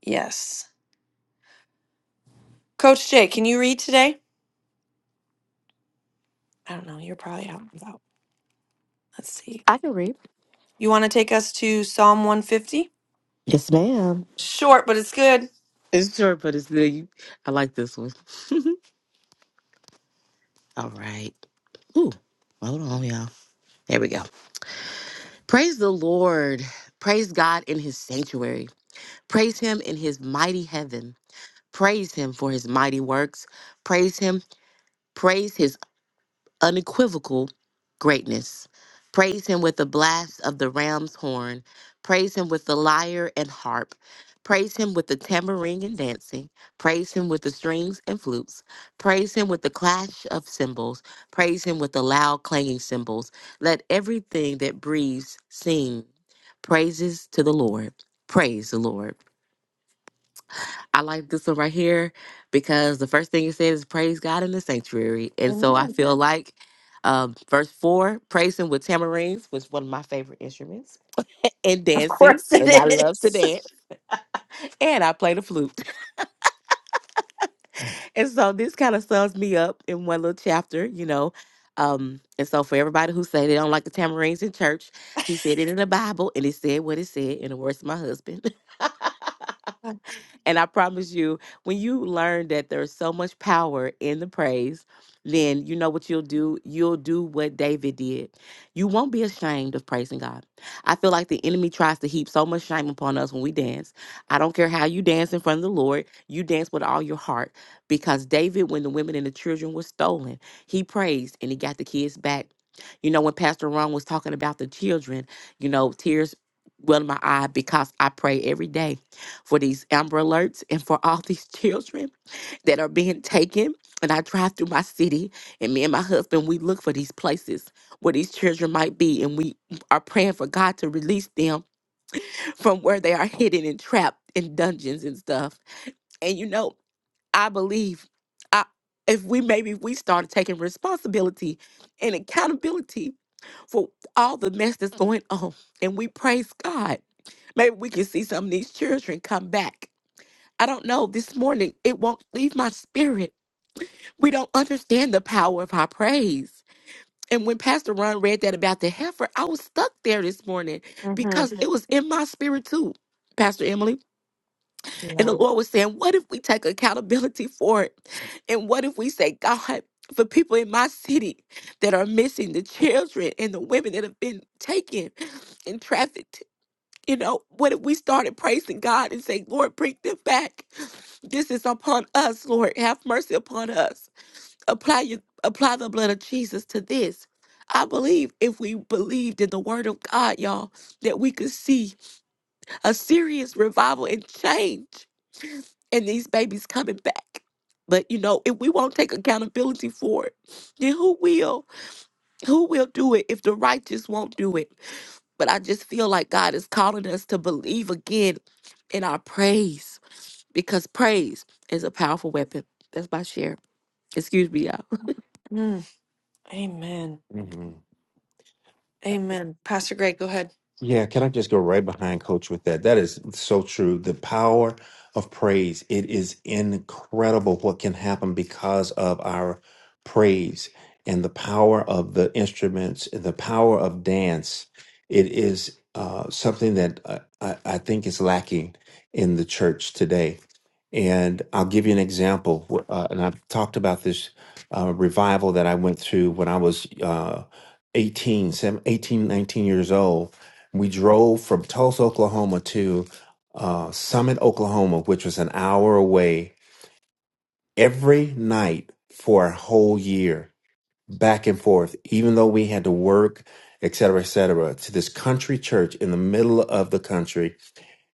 Speaker 1: Yes. Coach Jay, can you read today? I don't know. You're probably out and about. Let's see.
Speaker 3: I can read.
Speaker 1: You want to take us to Psalm 150?
Speaker 3: Yes, ma'am.
Speaker 1: Short, but it's good.
Speaker 3: It's short, but it's good. I like this one. All right. Ooh, hold on, y'all. There we go. Praise the Lord. Praise God in his sanctuary. Praise him in his mighty heaven. Praise him for his mighty works. Praise him. Praise his unequivocal greatness. Praise him with the blast of the ram's horn. Praise him with the lyre and harp. Praise him with the tambourine and dancing. Praise him with the strings and flutes. Praise him with the clash of cymbals. Praise him with the loud clanging cymbals. Let everything that breathes sing praises to the Lord. Praise the Lord. I like this one right here because the first thing it says is praise God in the sanctuary. And so I
Speaker 1: Amen.
Speaker 3: feel like um, verse four, praising with tamarines was one of my favorite instruments and
Speaker 1: Of
Speaker 3: dancing.
Speaker 1: course it
Speaker 3: And I love to
Speaker 1: is.
Speaker 3: dance and I play the flute. And so this kind of sums me up in one little chapter, you know. Um, and so for everybody who say they don't like the tamarines in church, he said it in the Bible and it said what it said in the words of my husband. And I promise you, when you learn that there's so much power in the praise, then you know what you'll do? You'll do what David did. You won't be ashamed of praising God. I feel like the enemy tries to heap so much shame upon us when we dance. I don't care how you dance in front of the Lord, you dance with all your heart. Because David, when the women and the children were stolen, he praised and he got the kids back. You know, when Pastor Ron was talking about the children, you know, tears well in my eye because I pray every day for these Amber Alerts and for all these children that are being taken. And I drive through my city, and me and my husband, we look for these places where these children might be, and we are praying for God to release them from where they are hidden and trapped in dungeons and stuff. And you know, I believe I if we maybe if we started taking responsibility and accountability for all the mess that's going on and we praise God, maybe we can see some of these children come back I don't know. This morning, it won't leave my spirit. We don't understand the power of our praise. And when Pastor Ron read that about the heifer, I was stuck there this morning
Speaker 1: Mm-hmm.
Speaker 3: because it was in my spirit too, Pastor Emily. And the
Speaker 1: Yeah.
Speaker 3: Lord was saying, What if we take accountability for it? And what if we say, God, for people in my city that are missing, the children and the women that have been taken and trafficked you know, what if we started praising God and saying, Lord, bring them back? This is upon us, Lord. Have mercy upon us. Apply your, apply the blood of Jesus to this. I believe if we believed in the word of God, y'all, that we could see a serious revival and change in these babies coming back. But you know, if we won't take accountability for it, then who will? Who will do it if the righteous won't do it? But I just feel like God is calling us to believe again in our praise because praise is a powerful weapon. That's my share. Excuse me, y'all.
Speaker 1: Mm. Amen.
Speaker 2: Mhm.
Speaker 1: Amen. Pastor Greg, go ahead.
Speaker 2: Yeah, can I just go right behind coach with that? That is so true. The power of praise. It is incredible what can happen because of our praise and the power of the instruments, the power of dance. It is uh, something that uh, I, I think is lacking in the church today and I'll give you an example. Uh, and I've talked about this uh, revival that I went through when I was uh, 18, seven- eighteen, nineteen years old. We drove from Tulsa, Oklahoma to uh, Summit, Oklahoma, which was an hour away every night for a whole year, back and forth, even though we had to work, et cetera, et cetera, to this country church in the middle of the country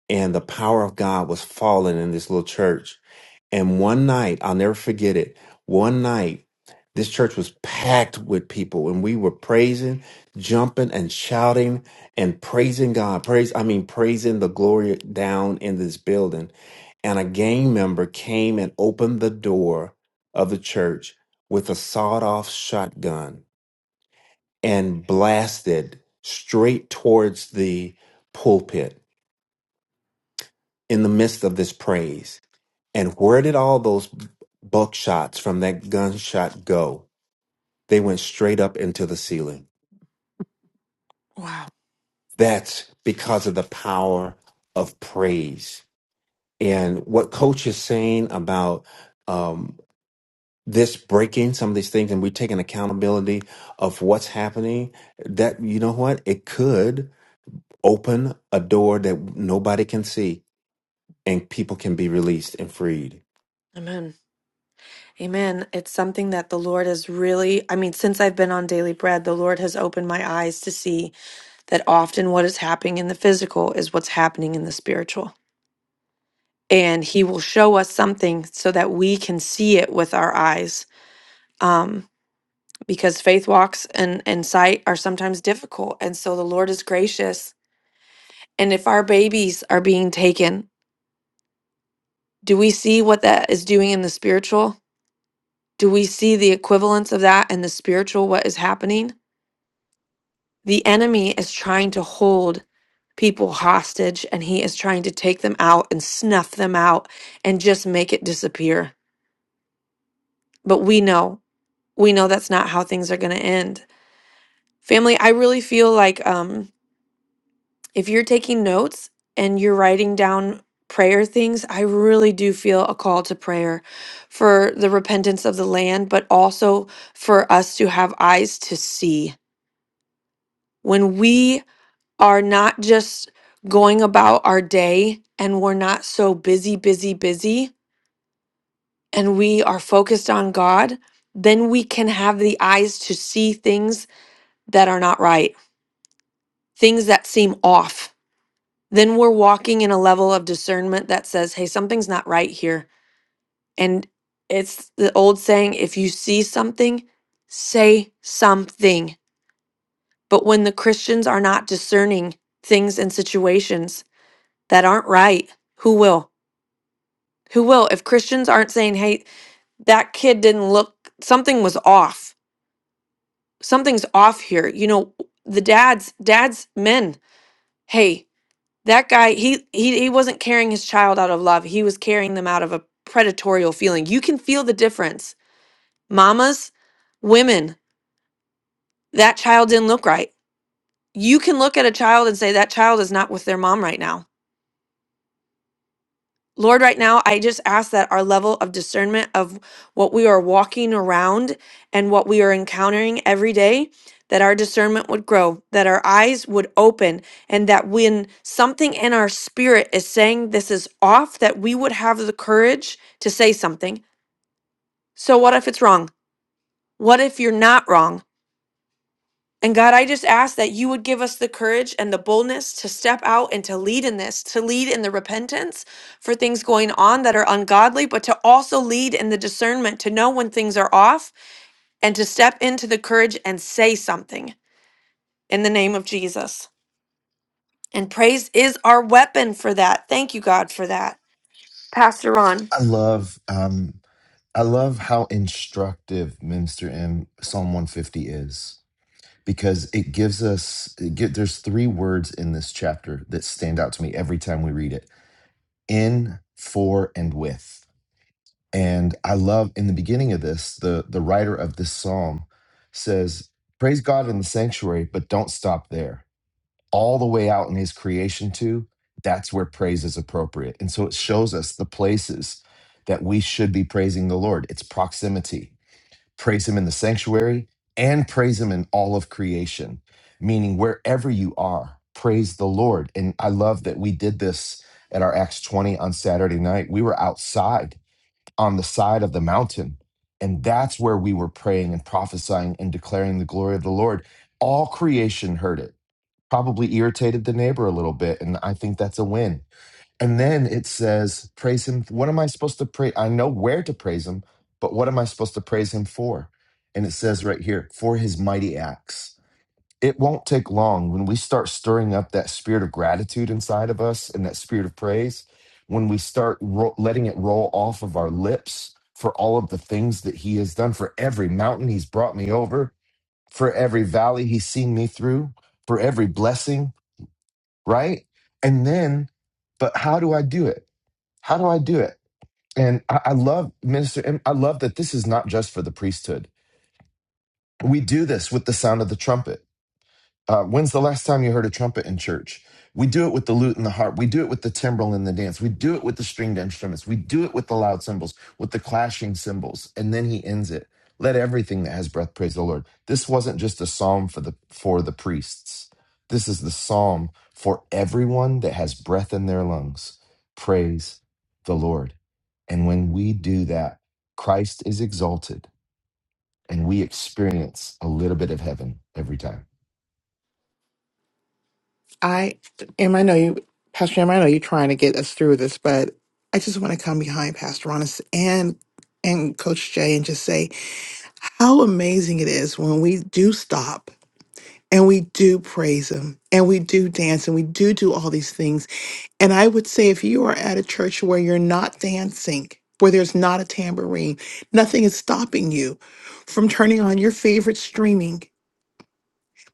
Speaker 2: and the power of God was falling in this little church. And one night, I'll never forget it. One night, this church was packed with people, and we were praising, jumping, and shouting and praising God. Praise, I mean, praising the glory down in this building. And a gang member came and opened the door of the church with a sawed off shotgun and blasted straight towards the pulpit in the midst of this praise and where did all those buckshots from that gunshot go? They went straight up into the ceiling.
Speaker 1: Wow.
Speaker 2: That's because of the power of praise. And what Coach is saying about um, this breaking some of these things and we're taking accountability of what's happening, that, you know what? It could open a door that nobody can see and people can be released and freed.
Speaker 1: Amen. Amen. It's something that the Lord has really, I mean, since I've been on Daily Bread, the Lord has opened my eyes to see that often what is happening in the physical is what's happening in the spiritual. And He will show us something so that we can see it with our eyes. Um. because faith walks and, and sight are sometimes difficult. And so the Lord is gracious. And if our babies are being taken, do we see what that is doing in the spiritual? Do we see the equivalence of that in the spiritual, what is happening? The enemy is trying to hold people hostage and he is trying to take them out and snuff them out and just make it disappear. But we know, we know that's not how things are going to end. Family, I really feel like um if you're taking notes and you're writing down prayer things, I really do feel a call to prayer for the repentance of the land, but also for us to have eyes to see. When we are not just going about our day and we're not so busy, busy, busy, and we are focused on God, then we can have the eyes to see things that are not right, things that seem off. then we're walking in a level of discernment that says, hey, something's not right here. And it's the old saying if you see something, say something. But when the Christians are not discerning things and situations that aren't right, who will? Who will? If Christians aren't saying, hey, that kid didn't look, something was off. Something's off here. You know, the dads, dads, men, hey, that guy he, he he wasn't carrying his child out of love he was carrying them out of a predatorial feeling you can feel the difference mamas women that child didn't look right you can look at a child and say that child is not with their mom right now Lord, right now, I just ask that our level of discernment of what we are walking around and what we are encountering every day, that our discernment would grow, that our eyes would open, and that when something in our spirit is saying this is off, that we would have the courage to say something. So, what if it's wrong? What if you're not wrong? And God, I just ask that you would give us the courage and the boldness to step out and to lead in this, to lead in the repentance for things going on that are ungodly, but to also lead in the discernment to know when things are off and to step into the courage and say something in the name of Jesus. And praise is our weapon for that. Thank you, God, for that. Pastor Ron.
Speaker 4: I love, um, I love how instructive Minister M Psalm 150 is because it gives us it get, there's three words in this chapter that stand out to me every time we read it in for and with and i love in the beginning of this the the writer of this psalm says praise god in the sanctuary but don't stop there all the way out in his creation too that's where praise is appropriate and so it shows us the places that we should be praising the lord it's proximity praise him in the sanctuary and praise him in all of creation meaning wherever you are praise the lord and i love that we did this at our acts 20 on saturday night we were outside on the side of the mountain and that's where we were praying and prophesying and declaring the glory of the lord all creation heard it probably irritated the neighbor a little bit and i think that's a win and then it says, Praise him. What am I supposed to praise? I know where to praise him, but what am I supposed to praise him for? And it says right here, For his mighty acts. It won't take long when we start stirring up that spirit of gratitude inside of us and that spirit of praise, when we start ro- letting it roll off of our lips for all of the things that he has done, for every mountain he's brought me over, for every valley he's seen me through, for every blessing, right? And then, but how do I do it? How do I do it? And I, I love minister, and I love that this is not just for the priesthood. We do this with the sound of the trumpet. Uh, when's the last time you heard a trumpet in church? We do it with the lute and the harp. We do it with the timbrel and the dance. We do it with the stringed instruments. We do it with the loud cymbals, with the clashing cymbals. And then he ends it. Let everything that has breath praise the Lord. This wasn't just a psalm for the for the priests. This is the psalm for everyone that has breath in their lungs. Praise the Lord. And when we do that, Christ is exalted and we experience a little bit of heaven every time.
Speaker 9: I am. I know you, Pastor Em. I know you're trying to get us through this, but I just want to come behind Pastor Ronis and and Coach Jay and just say how amazing it is when we do stop and we do praise Him and we do dance and we do do all these things. And I would say if you are at a church where you're not dancing, where there's not a tambourine, nothing is stopping you from turning on your favorite streaming,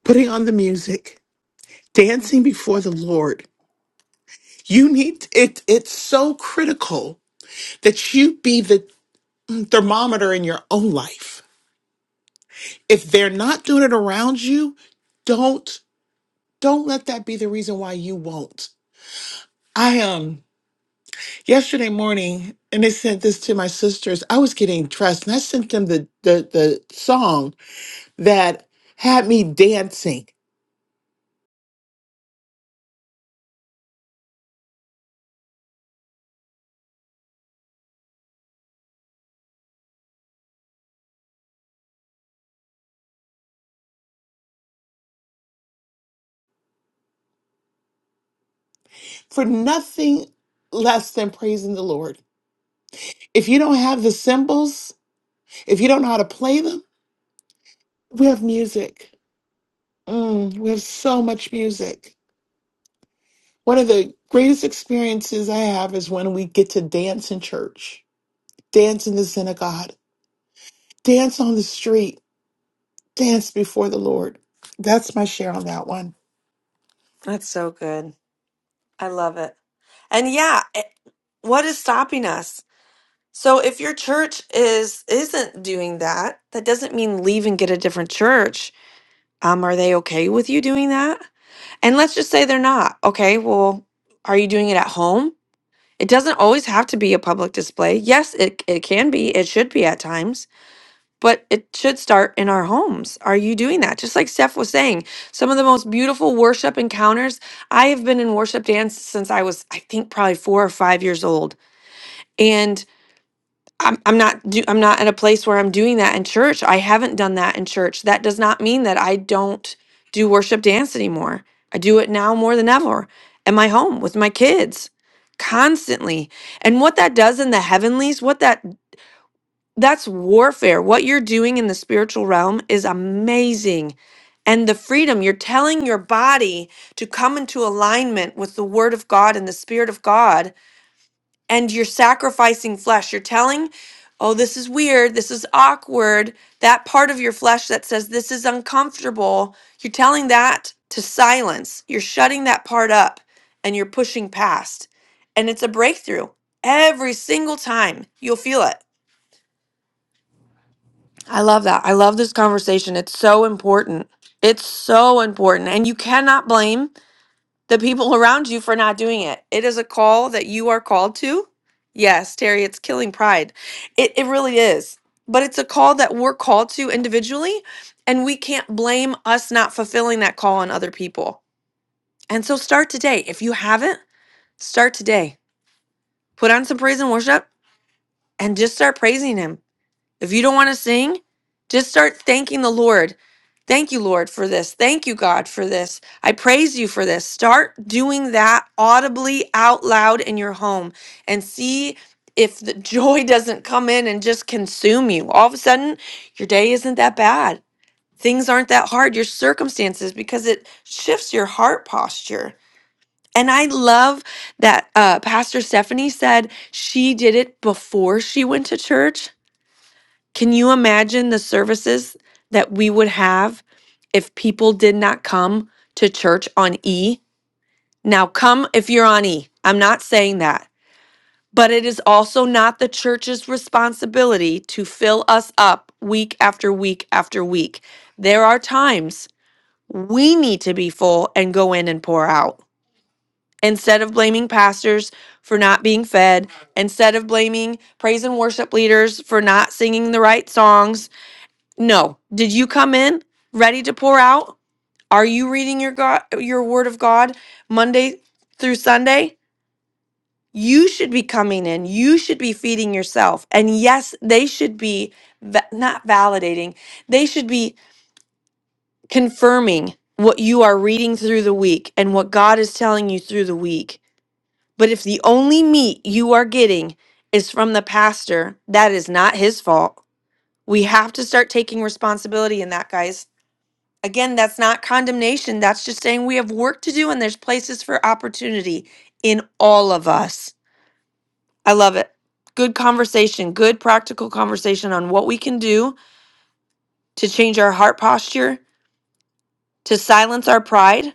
Speaker 9: putting on the music, dancing before the Lord You need it it's so critical that you be the thermometer in your own life. If they're not doing it around you, don't don't let that be the reason why you won't. I um yesterday morning and I sent this to my sisters. I was getting dressed and I sent them the the the song that had me dancing for nothing less than praising the Lord. If you don't have the cymbals, if you don't know how to play them, we have music Mm, we have so much music. One of the greatest experiences I have is when we get to dance in church, dance in the synagogue, dance on the street, dance before the Lord. That's my share on that one.
Speaker 1: That's so good. I love it. And yeah, it, what is stopping us? So if your church is isn't doing that, that doesn't mean leave and get a different church. Um, are they okay with you doing that? And let's just say they're not. Okay, well, are you doing it at home? It doesn't always have to be a public display. Yes, it, it can be, it should be at times, but it should start in our homes. Are you doing that? Just like Steph was saying, some of the most beautiful worship encounters. I have been in worship dance since I was, I think, probably four or five years old. and. I'm I'm not do I'm not in a place where I'm doing that in church. I haven't done that in church. That does not mean that I don't do worship dance anymore. I do it now more than ever in my home with my kids constantly. And what that does in the heavenlies, what that that's warfare. What you're doing in the spiritual realm is amazing. And the freedom you're telling your body to come into alignment with the word of God and the spirit of God and you're sacrificing flesh. You're telling, oh, this is weird. This is awkward. That part of your flesh that says this is uncomfortable, you're telling that to silence. You're shutting that part up and you're pushing past. And it's a breakthrough every single time. You'll feel it. I love that. I love this conversation. It's so important. It's so important. And you cannot blame the people around you for not doing it. It is a call that you are called to. Yes, Terry, it's killing pride. It, it really is. But it's a call that we're called to individually, and we can't blame us not fulfilling that call on other people. And so start today. If you haven't, start today. Put on some praise and worship and just start praising Him if you don't want to sing, just start thanking the Lord. Thank you, Lord, for this. Thank you, God, for this. I praise you for this. Start doing that audibly out loud in your home and see if the joy doesn't come in and just consume you. All of a sudden, your day isn't that bad. Things aren't that hard, your circumstances, because it shifts your heart posture. And I love that uh, Pastor Stephanie said she did it before she went to church can you imagine the services that we would have if people did not come to church on E? Now, come if you're on E. I'm not saying that. But it is also not the church's responsibility to fill us up week after week after week. There are times we need to be full and go in and pour out. Instead of blaming pastors for not being fed, instead of blaming praise and worship leaders for not singing the right songs, no. Did you come in ready to pour out? Are you reading your God, your word of God Monday through Sunday? You should be coming in. You should be feeding yourself. And yes, they should be va- not validating. They should be confirming what you are reading through the week and what God is telling you through the week. But if the only meat you are getting is from the pastor, that is not his fault. We have to start taking responsibility in that, guys Again, that's not condemnation. That's just saying we have work to do and there's places for opportunity in all of us. I love it. Good conversation, good practical conversation on what we can do to change our heart posture, to silence our pride,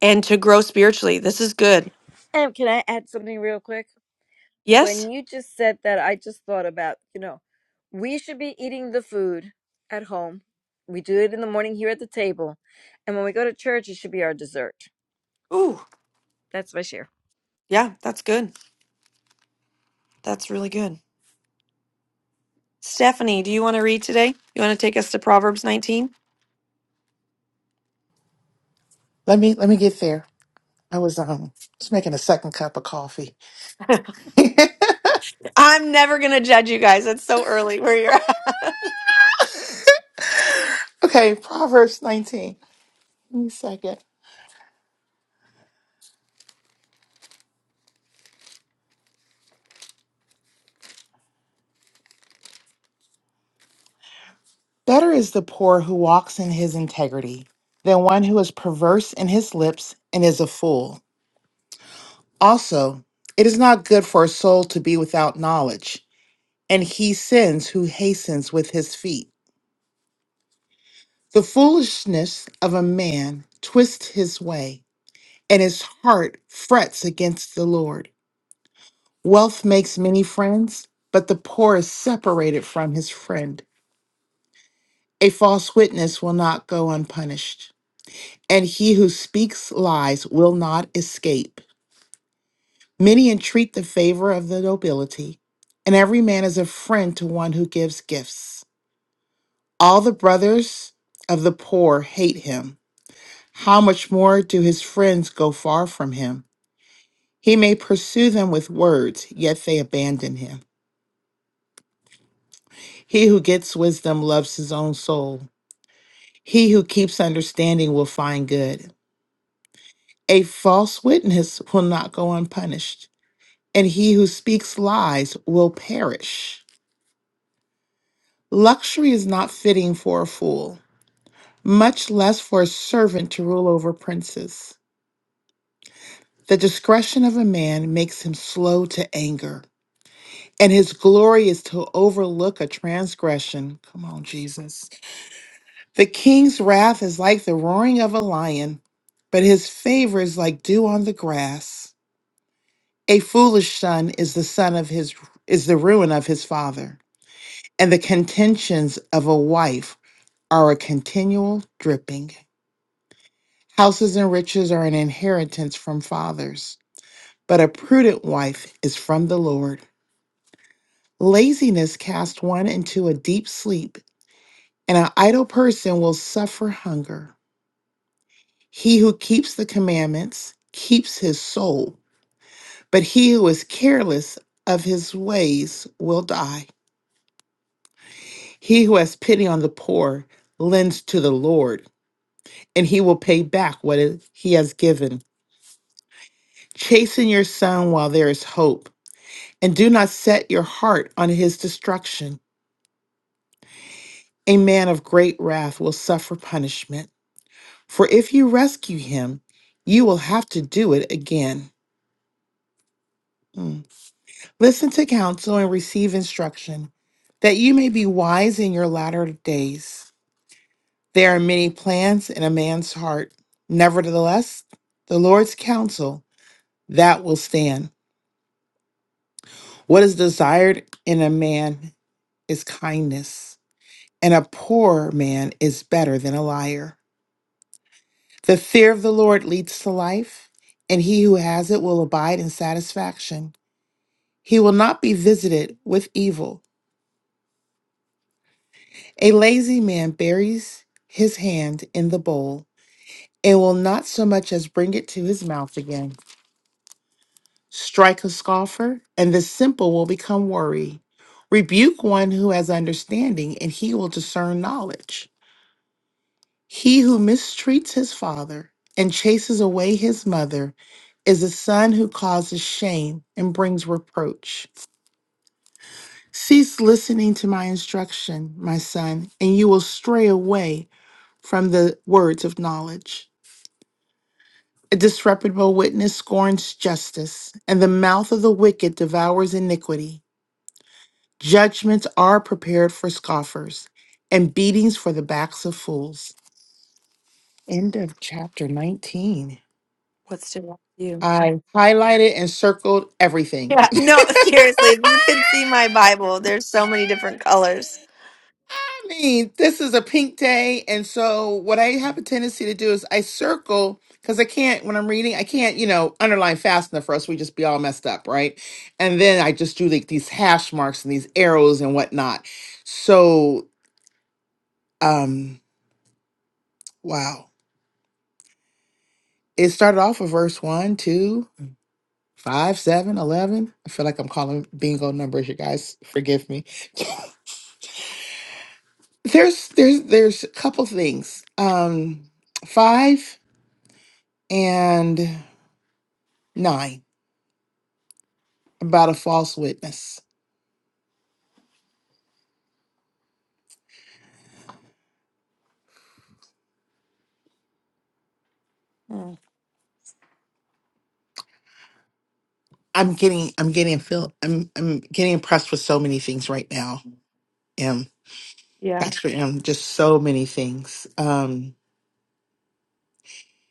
Speaker 1: and to grow spiritually. This is good.
Speaker 8: And can I add something real quick? When
Speaker 1: Yes?
Speaker 8: you just said that, I just thought about, you know, we should be eating the food at home. We do it in the morning here at the table. And when we go to church, it should be our dessert.
Speaker 1: Ooh,
Speaker 8: That's my share.
Speaker 1: yeah, that's good. That's really good. Stephanie, do you want to read today? You want to take us to Proverbs 19?
Speaker 9: Let me let me get there. I was um just making a second cup of coffee.
Speaker 1: I'm never going to judge you guys. It's so early where you're at.
Speaker 9: okay, Proverbs 19. Give me a second. Better is the poor who walks in his integrity than one who is perverse in his lips and is a fool. Also, it is not good for a soul to be without knowledge, and he sins who hastens with his feet. The foolishness of a man twists his way, and his heart frets against the Lord. Wealth makes many friends, but the poor is separated from his friend. A false witness will not go unpunished. and he who speaks lies will not escape. Many entreat the favor of the nobility, and every man is a friend to one who gives gifts. All the brothers of the poor hate him. How much more do his friends go far from him? He may pursue them with words, yet they abandon him. He who gets wisdom loves his own soul. He who keeps understanding will find good. A false witness will not go unpunished and he who speaks lies will perish. Luxury is not fitting for a fool, much less for a servant to rule over princes. The discretion of a man makes him slow to anger, and his glory is to overlook a transgression. Come on, Jesus. The king's wrath is like the roaring of a lion, but his favor is like dew on the grass. A foolish son is the son of his is the ruin of his father and the contentions of a wife are a continual dripping. Houses and riches are an inheritance from fathers, but a prudent wife is from the Lord. Laziness casts one into a deep sleep, and an idle person will suffer hunger. He who keeps the commandments keeps his soul, but he who is careless of his ways will die. He who has pity on the poor lends to the Lord and he will pay back what it- he has given. Chasten your son while there is hope, and do not set your heart on his destruction. A man of great wrath will suffer punishment, for if you rescue him, you will have to do it again. Mm. Listen to counsel and receive instruction, that you may be wise in your latter days. There are many plans in a man's heart. Nevertheless, the Lord's counsel, that will stand What is desired in a man is kindness, and a poor man is better than a liar. The fear of the Lord leads to life, and he who has it will abide in satisfaction. He will not be visited with evil. A lazy man buries his hand in the bowl and will not so much as bring it to his mouth again. Strike a scoffer, and the simple will become wary. Rebuke one who has understanding, and he will discern knowledge. He who mistreats his father and chases away his mother is a son who causes shame and brings reproach. Cease listening to my instruction, my son, and you will stray away from the words of knowledge. A disreputable witness scorns justice, and the mouth of the wicked devours iniquity. Judgments are prepared for scoffers, and beatings for the backs of fools. End of chapter 19.
Speaker 1: What's to you?
Speaker 9: I highlighted and circled
Speaker 1: Yeah,
Speaker 9: everything.
Speaker 1: no, seriously, if you could see my Bible, there's so many different colors.
Speaker 9: I mean, this is a pink day. And so, what I have a tendency to do is I circle because I can't, when I'm reading, I can't, you know, underline fast enough for us. We just be all messed up, right? And then I just do like these hash marks and these arrows and whatnot. So, um, wow. It started off with verse one, two, five, seven, eleven. I feel like I'm calling bingo numbers, you guys. Forgive me. There's there's there's a couple things. Um five and nine about a false witness.
Speaker 1: Mm,
Speaker 9: I'm getting I'm getting feel I'm I'm getting impressed with so many things right now. M.
Speaker 1: yeah,
Speaker 9: Dr. em, just so many things. Um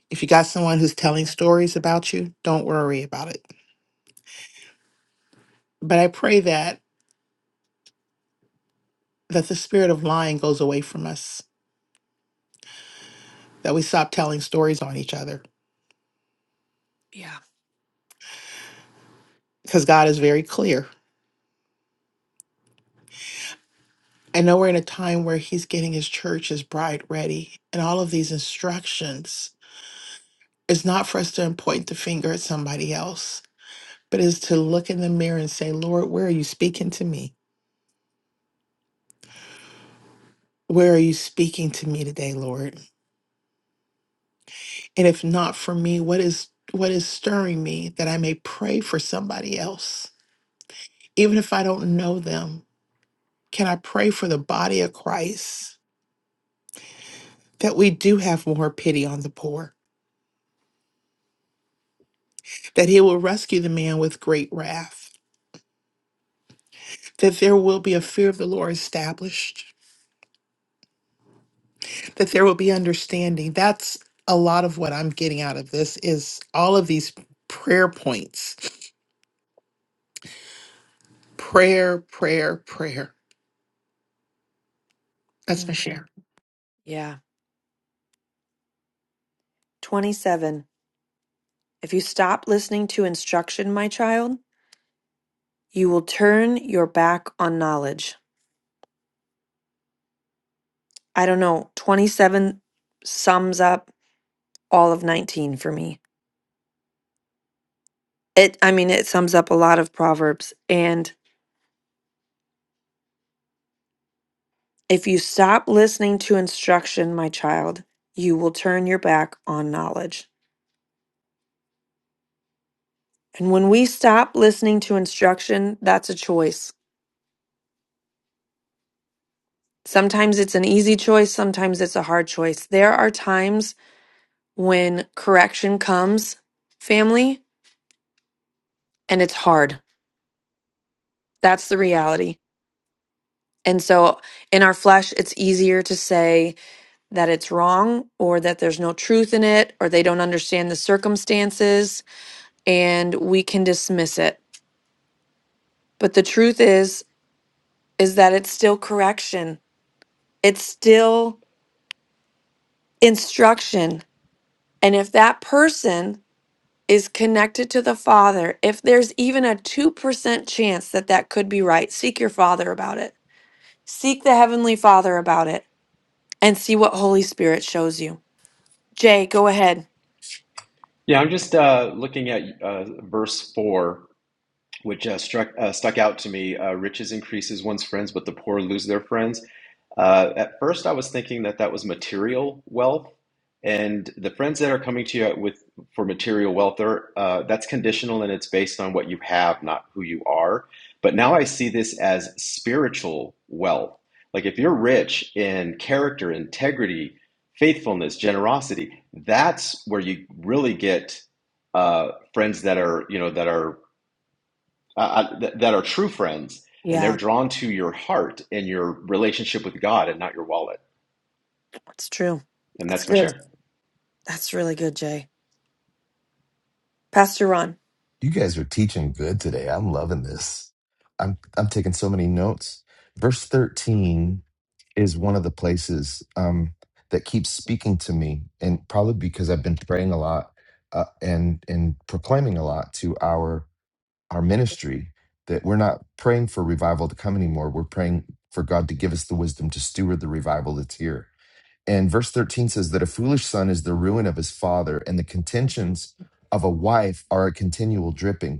Speaker 9: if you got someone who's telling stories about you, don't worry about it. But I pray that that the spirit of lying goes away from us, that we stop telling stories on each other.
Speaker 1: yeah,
Speaker 9: Because God is very clear. I know we're in a time where he's getting his church, his bride ready, and all of these instructions is not for us to point the finger at somebody else, but is to look in the mirror and say, Lord, where are you speaking to me? Where are you speaking to me today, Lord? And if not for me, what is what is stirring me that I may pray for somebody else? Even if I don't know them, can I pray for the body of Christ that we do have more pity on the poor, that he will rescue the man with great wrath? that there will be a fear of the Lord established, that there will be understanding. That's a lot of what I'm getting out of this is all of these prayer points. Prayer, prayer, prayer. That's my share.
Speaker 1: mhm, yeah. 27. If you stop listening to instruction, my child, you will turn your back on knowledge. I don't know, 27 sums up all of 19 for me. It, I mean, it sums up a lot of Proverbs. And if you stop listening to instruction, my child, you will turn your back on knowledge. And when we stop listening to instruction, that's a choice. Sometimes it's an easy choice, sometimes it's a hard choice. There are times when correction comes, family, and it's hard. That's the reality. And so in our flesh, it's easier to say that it's wrong or that there's no truth in it or they don't understand the circumstances and we can dismiss it. But the truth is, is that it's still correction. It's still instruction And if that person is connected to the Father, if there's even a 2% chance that that could be right, seek your Father about it. Seek the Heavenly Father about it and see what Holy Spirit shows you. Jay, go ahead.
Speaker 10: Yeah, I'm just uh, looking at uh, verse four, which uh, struck uh, stuck out to me. Uh, Riches increases one's friends, but the poor lose their friends. Uh, at first, I was thinking that that was material wealth, and the friends that are coming to you with for material wealth are uh, that's conditional and it's based on what you have, not who you are. But now I see this as spiritual wealth. Like if you're rich in character, integrity, faithfulness, generosity, that's where you really get uh, friends that are you know that are uh, uh, th- that are true friends, and they're
Speaker 1: Yeah,
Speaker 10: drawn to your heart and your relationship with God, and not your wallet.
Speaker 1: that's true.
Speaker 10: And
Speaker 1: That's
Speaker 10: that's my
Speaker 1: good.
Speaker 10: share.
Speaker 1: That's really good, Jay. Pastor Ron.
Speaker 4: You guys are teaching good today. I'm loving this. I'm I'm taking so many notes. Verse 13 is one of the places um, that keeps speaking to me, and probably because I've been praying a lot uh, and and proclaiming a lot to our our ministry that we're not praying for revival to come anymore. We're praying for God to give us the wisdom to steward the revival that's here. And verse 13 says that a foolish son is the ruin of his father, and the contentions of a wife are a continual dripping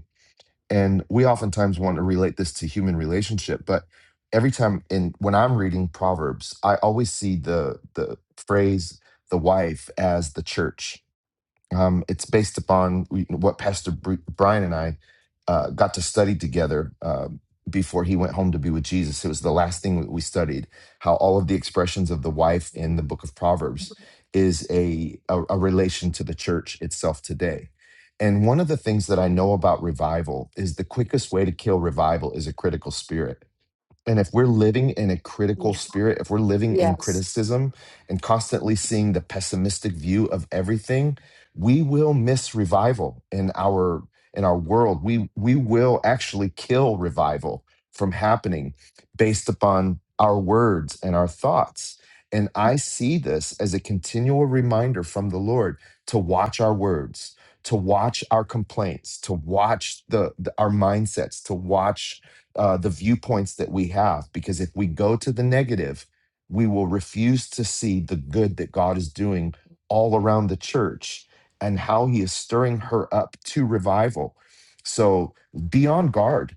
Speaker 4: and we oftentimes want to relate this to human relationship but every time in when i'm reading proverbs i always see the the phrase the wife as the church um, it's based upon we- what Pastor Br- Brian and I uh, got to study together uh, before he went home to be with Jesus. It was the last thing that we studied how all of the expressions of the wife in the book of Proverbs is a, a, a relation to the church itself today. And one of the things that I know about revival is the quickest way to kill revival is a critical spirit and if we're living in a critical
Speaker 1: Yeah.
Speaker 4: spirit, if we're living in
Speaker 1: Yes.
Speaker 4: criticism and constantly seeing the pessimistic view of everything, we will miss revival in our in our world. We we will actually kill revival from happening based upon our words and our thoughts. And I see this as a continual reminder from the Lord to watch our words, to watch our complaints, to watch the, the- our mindsets, to watch uh, the viewpoints that we have. Because if we go to the negative, we will refuse to see the good that God is doing all around the church and how he is stirring her up to revival. So be on guard.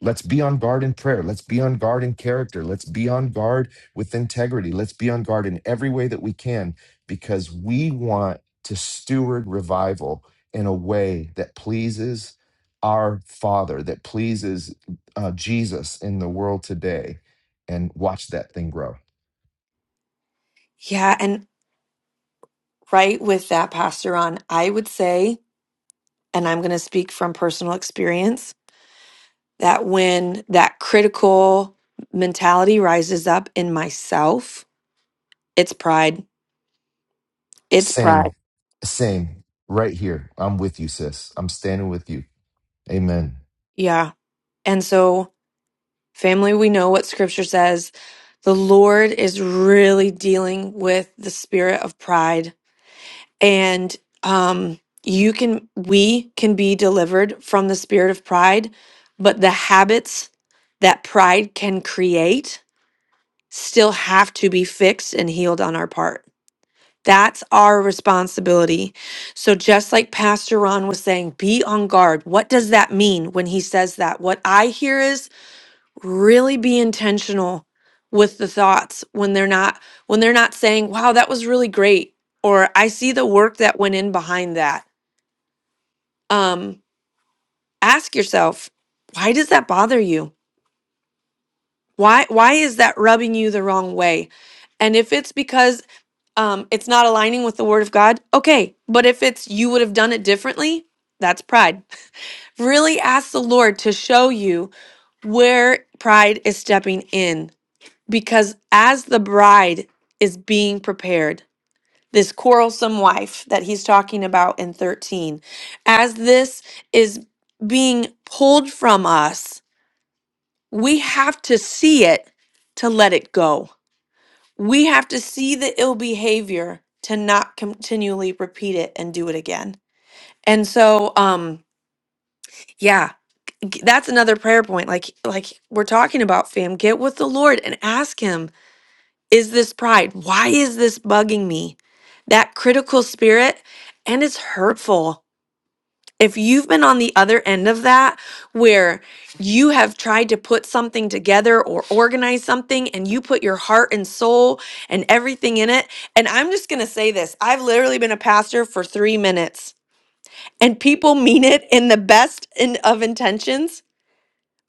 Speaker 4: Let's be on guard in prayer. Let's be on guard in character. Let's be on guard with integrity. Let's be on guard in every way that we can because we want to steward revival in a way that pleases our Father, that pleases uh, Jesus in the world today and watch that thing grow.
Speaker 1: Yeah, and right with that, Pastor Ron, I would say, and I'm going to speak from personal experience, that when that critical mentality rises up in myself, it's pride. It's pride.
Speaker 4: Same, same, right here. I'm with you, sis. I'm standing with you. Amen.
Speaker 1: Yeah. And so Family, we know what scripture says. The Lord is really dealing with the spirit of pride. And um you can we can be delivered from the spirit of pride, but the habits that pride can create still have to be fixed and healed on our part. That's our responsibility. So just like Pastor Ron was saying, be on guard. What does that mean when he says that? What I hear is really be intentional with the thoughts when they're not when they're not saying wow that was really great or i see the work that went in behind that um ask yourself why does that bother you why why is that rubbing you the wrong way and if it's because um it's not aligning with the word of god okay but if it's you would have done it differently that's pride really ask the lord to show you where pride is stepping in because as the bride is being prepared, this quarrelsome wife that he's talking about in 13, as this is being pulled from us, we have to see it to let it go. We have to see the ill behavior to not continually repeat it and do it again. And so, um, yeah, g- that's another prayer point. Like, like we're talking about, fam, get with the Lord and ask Him is this pride? Why is this bugging me? That critical spirit, and it's hurtful. If you've been on the other end of that, where you have tried to put something together or organize something and you put your heart and soul and everything in it, and I'm just gonna say this I've literally been a pastor for three minutes, and people mean it in the best in, of intentions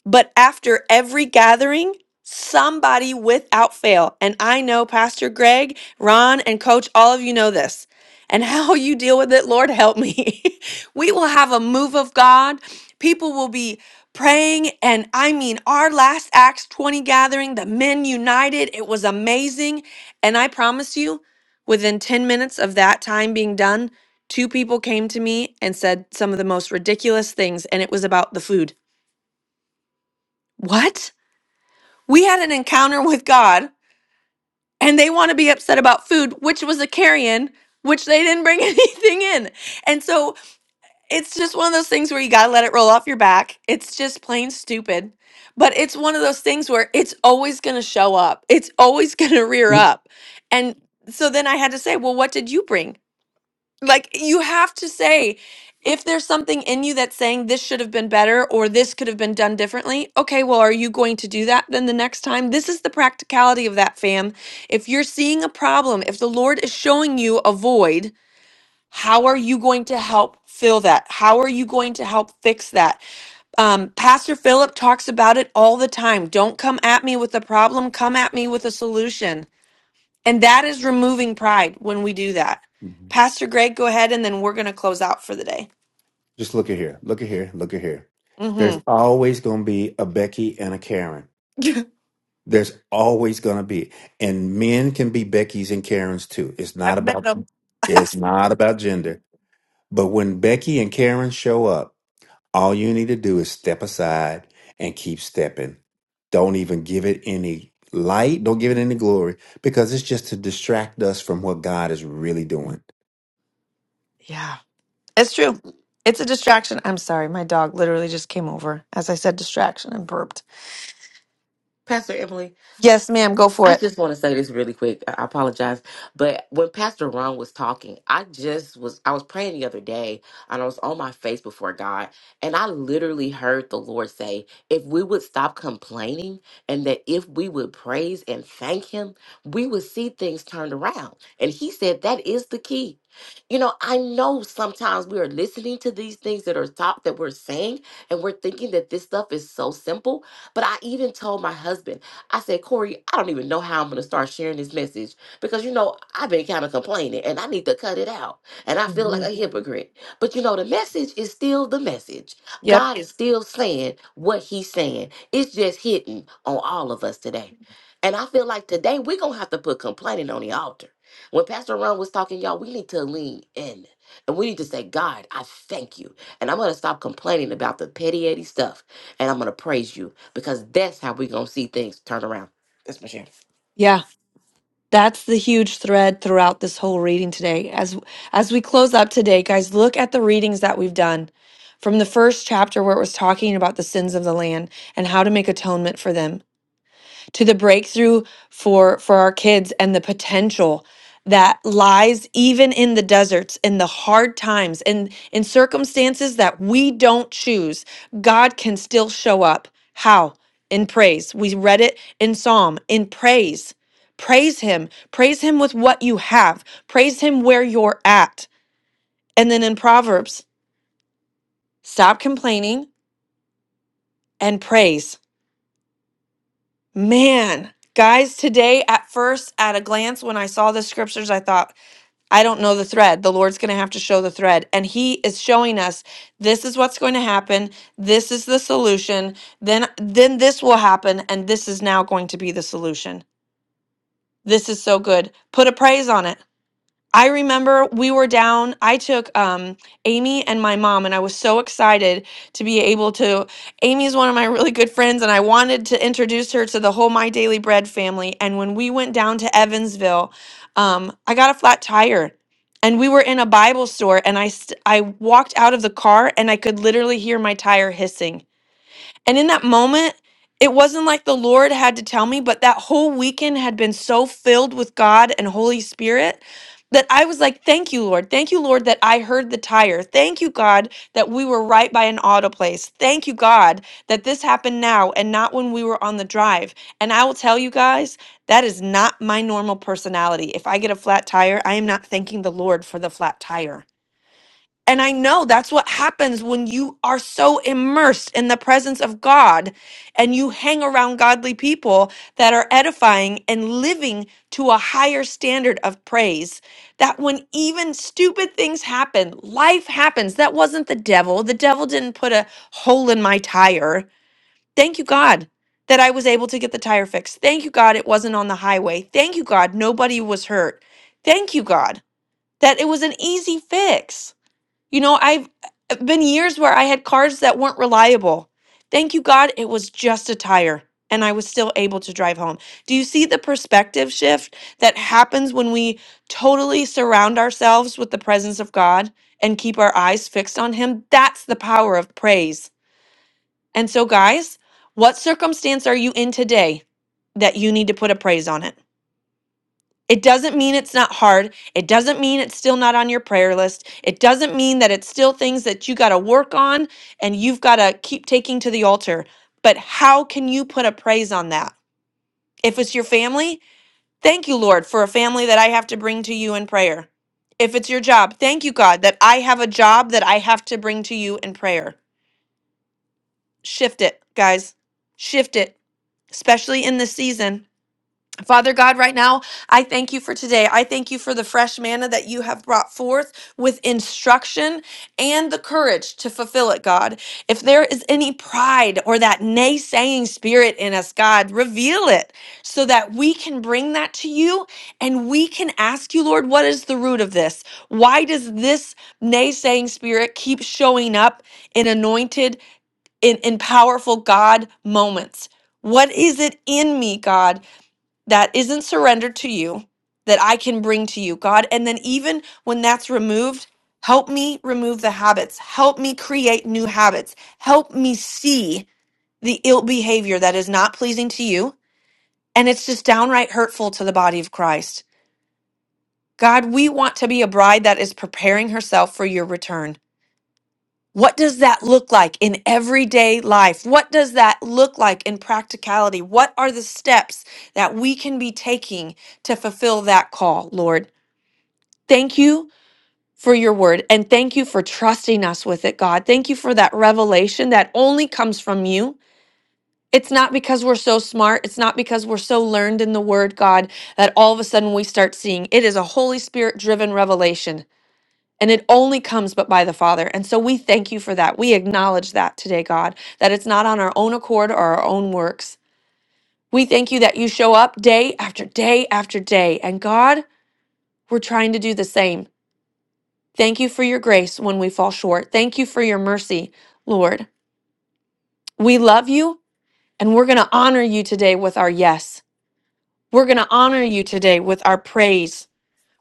Speaker 1: but after every gathering, somebody without fail, and I know Pastor Greg, Ron, and Coach, all of you know this. And how you deal with it, Lord, help me. we will have a move of God. People will be praying. And I mean, our last Acts 20 gathering, the men united, it was amazing. And I promise you, within 10 minutes of that time being done, two people came to me and said some of the most ridiculous things. And it was about the food. What? We had an encounter with God and they want to be upset about food, which was a carrion, which they didn't bring anything in. And so it's just one of those things where you got to let it roll off your back. It's just plain stupid. But it's one of those things where it's always going to show up, it's always going to rear up. And so then I had to say, well, what did you bring? Like you have to say if there's something in you that's saying this should have been better or this could have been done differently, okay, well, are you going to do that then the next time? This is the practicality of that, fam. If you're seeing a problem, if the Lord is showing you a void, how are you going to help fill that? How are you going to help fix that? Um, Pastor Philip talks about it all the time. Don't come at me with a problem, come at me with a solution. And that is removing pride when we do that.
Speaker 2: Mhm.
Speaker 1: Pastor Greg, go ahead and then we're going to close out for the day.
Speaker 2: Just look at here. Look at here. Look at here. There's
Speaker 1: hmm
Speaker 2: always going to be a Becky and a Karen. There's always going to be, and men can be Becky's and Karen's too. It's not
Speaker 1: I've met
Speaker 2: about
Speaker 1: him.
Speaker 2: it's not about gender. But when Becky and Karen show up, all you need to do is step aside and keep stepping. Don't even give it any light. Don't give it any glory because it's just to distract us from what God is really doing.
Speaker 1: Yeah, it's true. It's a distraction. I'm sorry. My dog literally just came over as I said distraction and burped.
Speaker 3: Pastor Emily.
Speaker 1: Yes, ma'am. Go for
Speaker 3: I
Speaker 1: it.
Speaker 3: just want to say this really quick. I I apologize, but when Pastor Ron was talking, I just was I was praying the other day, and I was on my face before God, and I literally heard the Lord say, "If we would stop complaining, and that if we would praise and thank Him, we would see things turned around." And He said that is the key. You know, I know sometimes we are listening to these things that are taught that we're saying, and we're thinking that this stuff is so simple. But I even told my husband. I said, Corey, I don't even know how I'm going to start sharing this message because, you know, I've been kind of complaining and I need to cut it out. And I feel like a
Speaker 1: Mhm.
Speaker 3: hypocrite. But, you know, the message is still the message.
Speaker 1: Yep.
Speaker 3: God is still saying what he's saying. It's just hitting on all of us today. And I feel like today we're going to have to put complaining on the altar. When Pastor Ron was talking, y'all, we need to lean in and we need to say, God, I thank you. And I'm going to stop complaining about the petty, petty stuff and I'm going to praise you because that's how we're going to see things turn around. That's my share.
Speaker 1: Yeah. That's the huge thread throughout this whole reading today. As as we close up today, guys, look at the readings that we've done from the first chapter where it was talking about the sins of the land and how to make atonement for them to the breakthrough for for our kids and the potential that lies even in the deserts in the hard times and in circumstances that we don't choose god can still show up how in praise we read it in psalm in praise praise him praise him with what you have praise him where you're at and then in proverbs stop complaining and praise Man, guys, today at first, at a glance, when I saw the scriptures, I thought, I don't know the thread. The Lord's going to have to show the thread. And He is showing us this is what's going to happen. This is the solution. Then, then this will happen. And this is now going to be the solution. This is so good. Put a praise on it. I remember we were down. I took um, Amy and my mom, and I was so excited to be able to. Amy is one of my really good friends, and I wanted to introduce her to the whole My Daily Bread family. And when we went down to Evansville, um, I got a flat tire, and we were in a Bible store, and I st- I walked out of the car, and I could literally hear my tire hissing and in that moment, it wasn't like the Lord had to tell me, but that whole weekend had been so filled with God and Holy Spirit that I was like, Thank you, Lord. Thank you, Lord, that I heard the tire. Thank you, God, that we were right by an auto place. Thank you, God, that this happened now and not when we were on the drive. And I will tell you guys, that is not my normal personality. If I get a flat tire, I am not thanking the Lord for the flat tire. And I know that's what happens when you are so immersed in the presence of God and you hang around godly people that are edifying and living to a higher standard of praise. That when even stupid things happen, life happens. That wasn't the devil. The devil didn't put a hole in my tire. Thank you, God, that I was able to get the tire fixed. Thank you, God, it wasn't on the highway. Thank you, God, nobody was hurt. Thank you, God, that it was an easy fix. You know, I've uh, been years where I had cars that weren't reliable. Thank you, God, it was just a tire and I was still able to drive home. Do you see the perspective shift that happens when we totally surround ourselves with the presence of God and keep our eyes fixed on Him? That's the power of praise. And so, guys, what circumstance are you in today that you need to put a praise on it? It doesn't mean it's not hard. It doesn't mean it's still not on your prayer list. It doesn't mean that it's still things that you got to work on and you've got to keep taking to the altar. But how can you put a praise on that? If it's your family, thank you, Lord, for a family that I have to bring to you in prayer. If it's your job, thank you, God, that I have a job that I have to bring to you in prayer. Shift it, guys. Shift it, especially in this season. Father God, right now, I thank you for today. I thank you for the fresh manna that you have brought forth with instruction and the courage to fulfill it, God. If there is any pride or that naysaying spirit in us, God, reveal it so that we can bring that to you and we can ask you, Lord, what is the root of this? Why does this naysaying spirit keep showing up in anointed, in, in powerful God moments? What is it in me, God? that isn't surrendered to you that I can bring to you, God. And then even when that's removed, help me remove the habits. Help me create new habits. Help me see the ill behavior that is not pleasing to you. And it's just downright hurtful to the body of Christ. God, we want to be a bride that is preparing herself for your return. What does that look like in everyday life? What does that look like in practicality? What are the steps that we can be taking to fulfill that call, Lord? Thank you for your word and thank you for trusting us with it, God. Thank you for that revelation that only comes from you. It's not because we're so smart. It's not because we're so learned in the word, God, that all of a sudden we start seeing. It is a Holy Spirit driven revelation and it only comes but by the Father. And so we thank you for that. We acknowledge that today, God, that it's not on our own accord or our own works. We thank you that you show up day after day after day. And God, we're trying to do the same. Thank you for your grace when we fall short. Thank you for your mercy, Lord. We love you and we're going to honor you today with our yes. We're going to honor you today with our praise.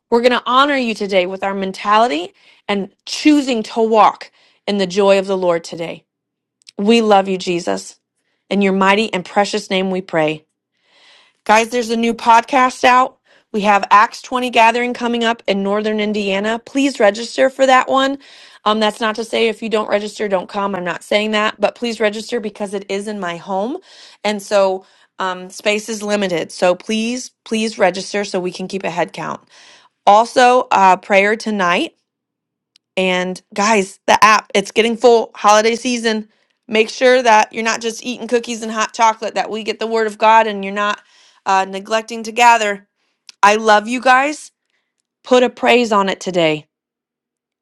Speaker 1: We're going to honor you today with our mentality and choosing to walk in the joy of the Lord today. We love you, Jesus. In your mighty and precious name we pray. Guys, there's a new podcast out. We have Acts 20 gathering coming up in Northern Indiana. Please register for that one. Um, that's not to say if you don't register, don't come. I'm not saying that, but please register because it is in my home. And so um, space is limited. So please, please register so we can keep a head count. Also, uh, prayer tonight. And guys, the app, it's getting full holiday season. Make sure that you're not just eating cookies and hot chocolate, that we get the word of God and you're not uh, neglecting to gather. I love you guys. Put a praise on it today.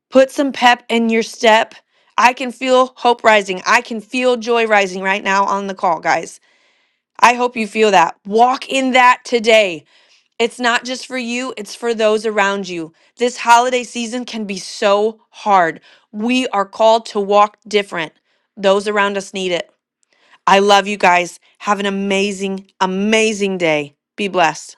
Speaker 1: Put some pep in your step. I can feel hope rising. I can feel joy rising right now on the call, guys. I hope you feel that. Walk in that today. It's not just for you, it's for those around you. This holiday season can be so hard. We are called to walk different. Those around us need it. I love you guys. Have an amazing, amazing day. Be blessed.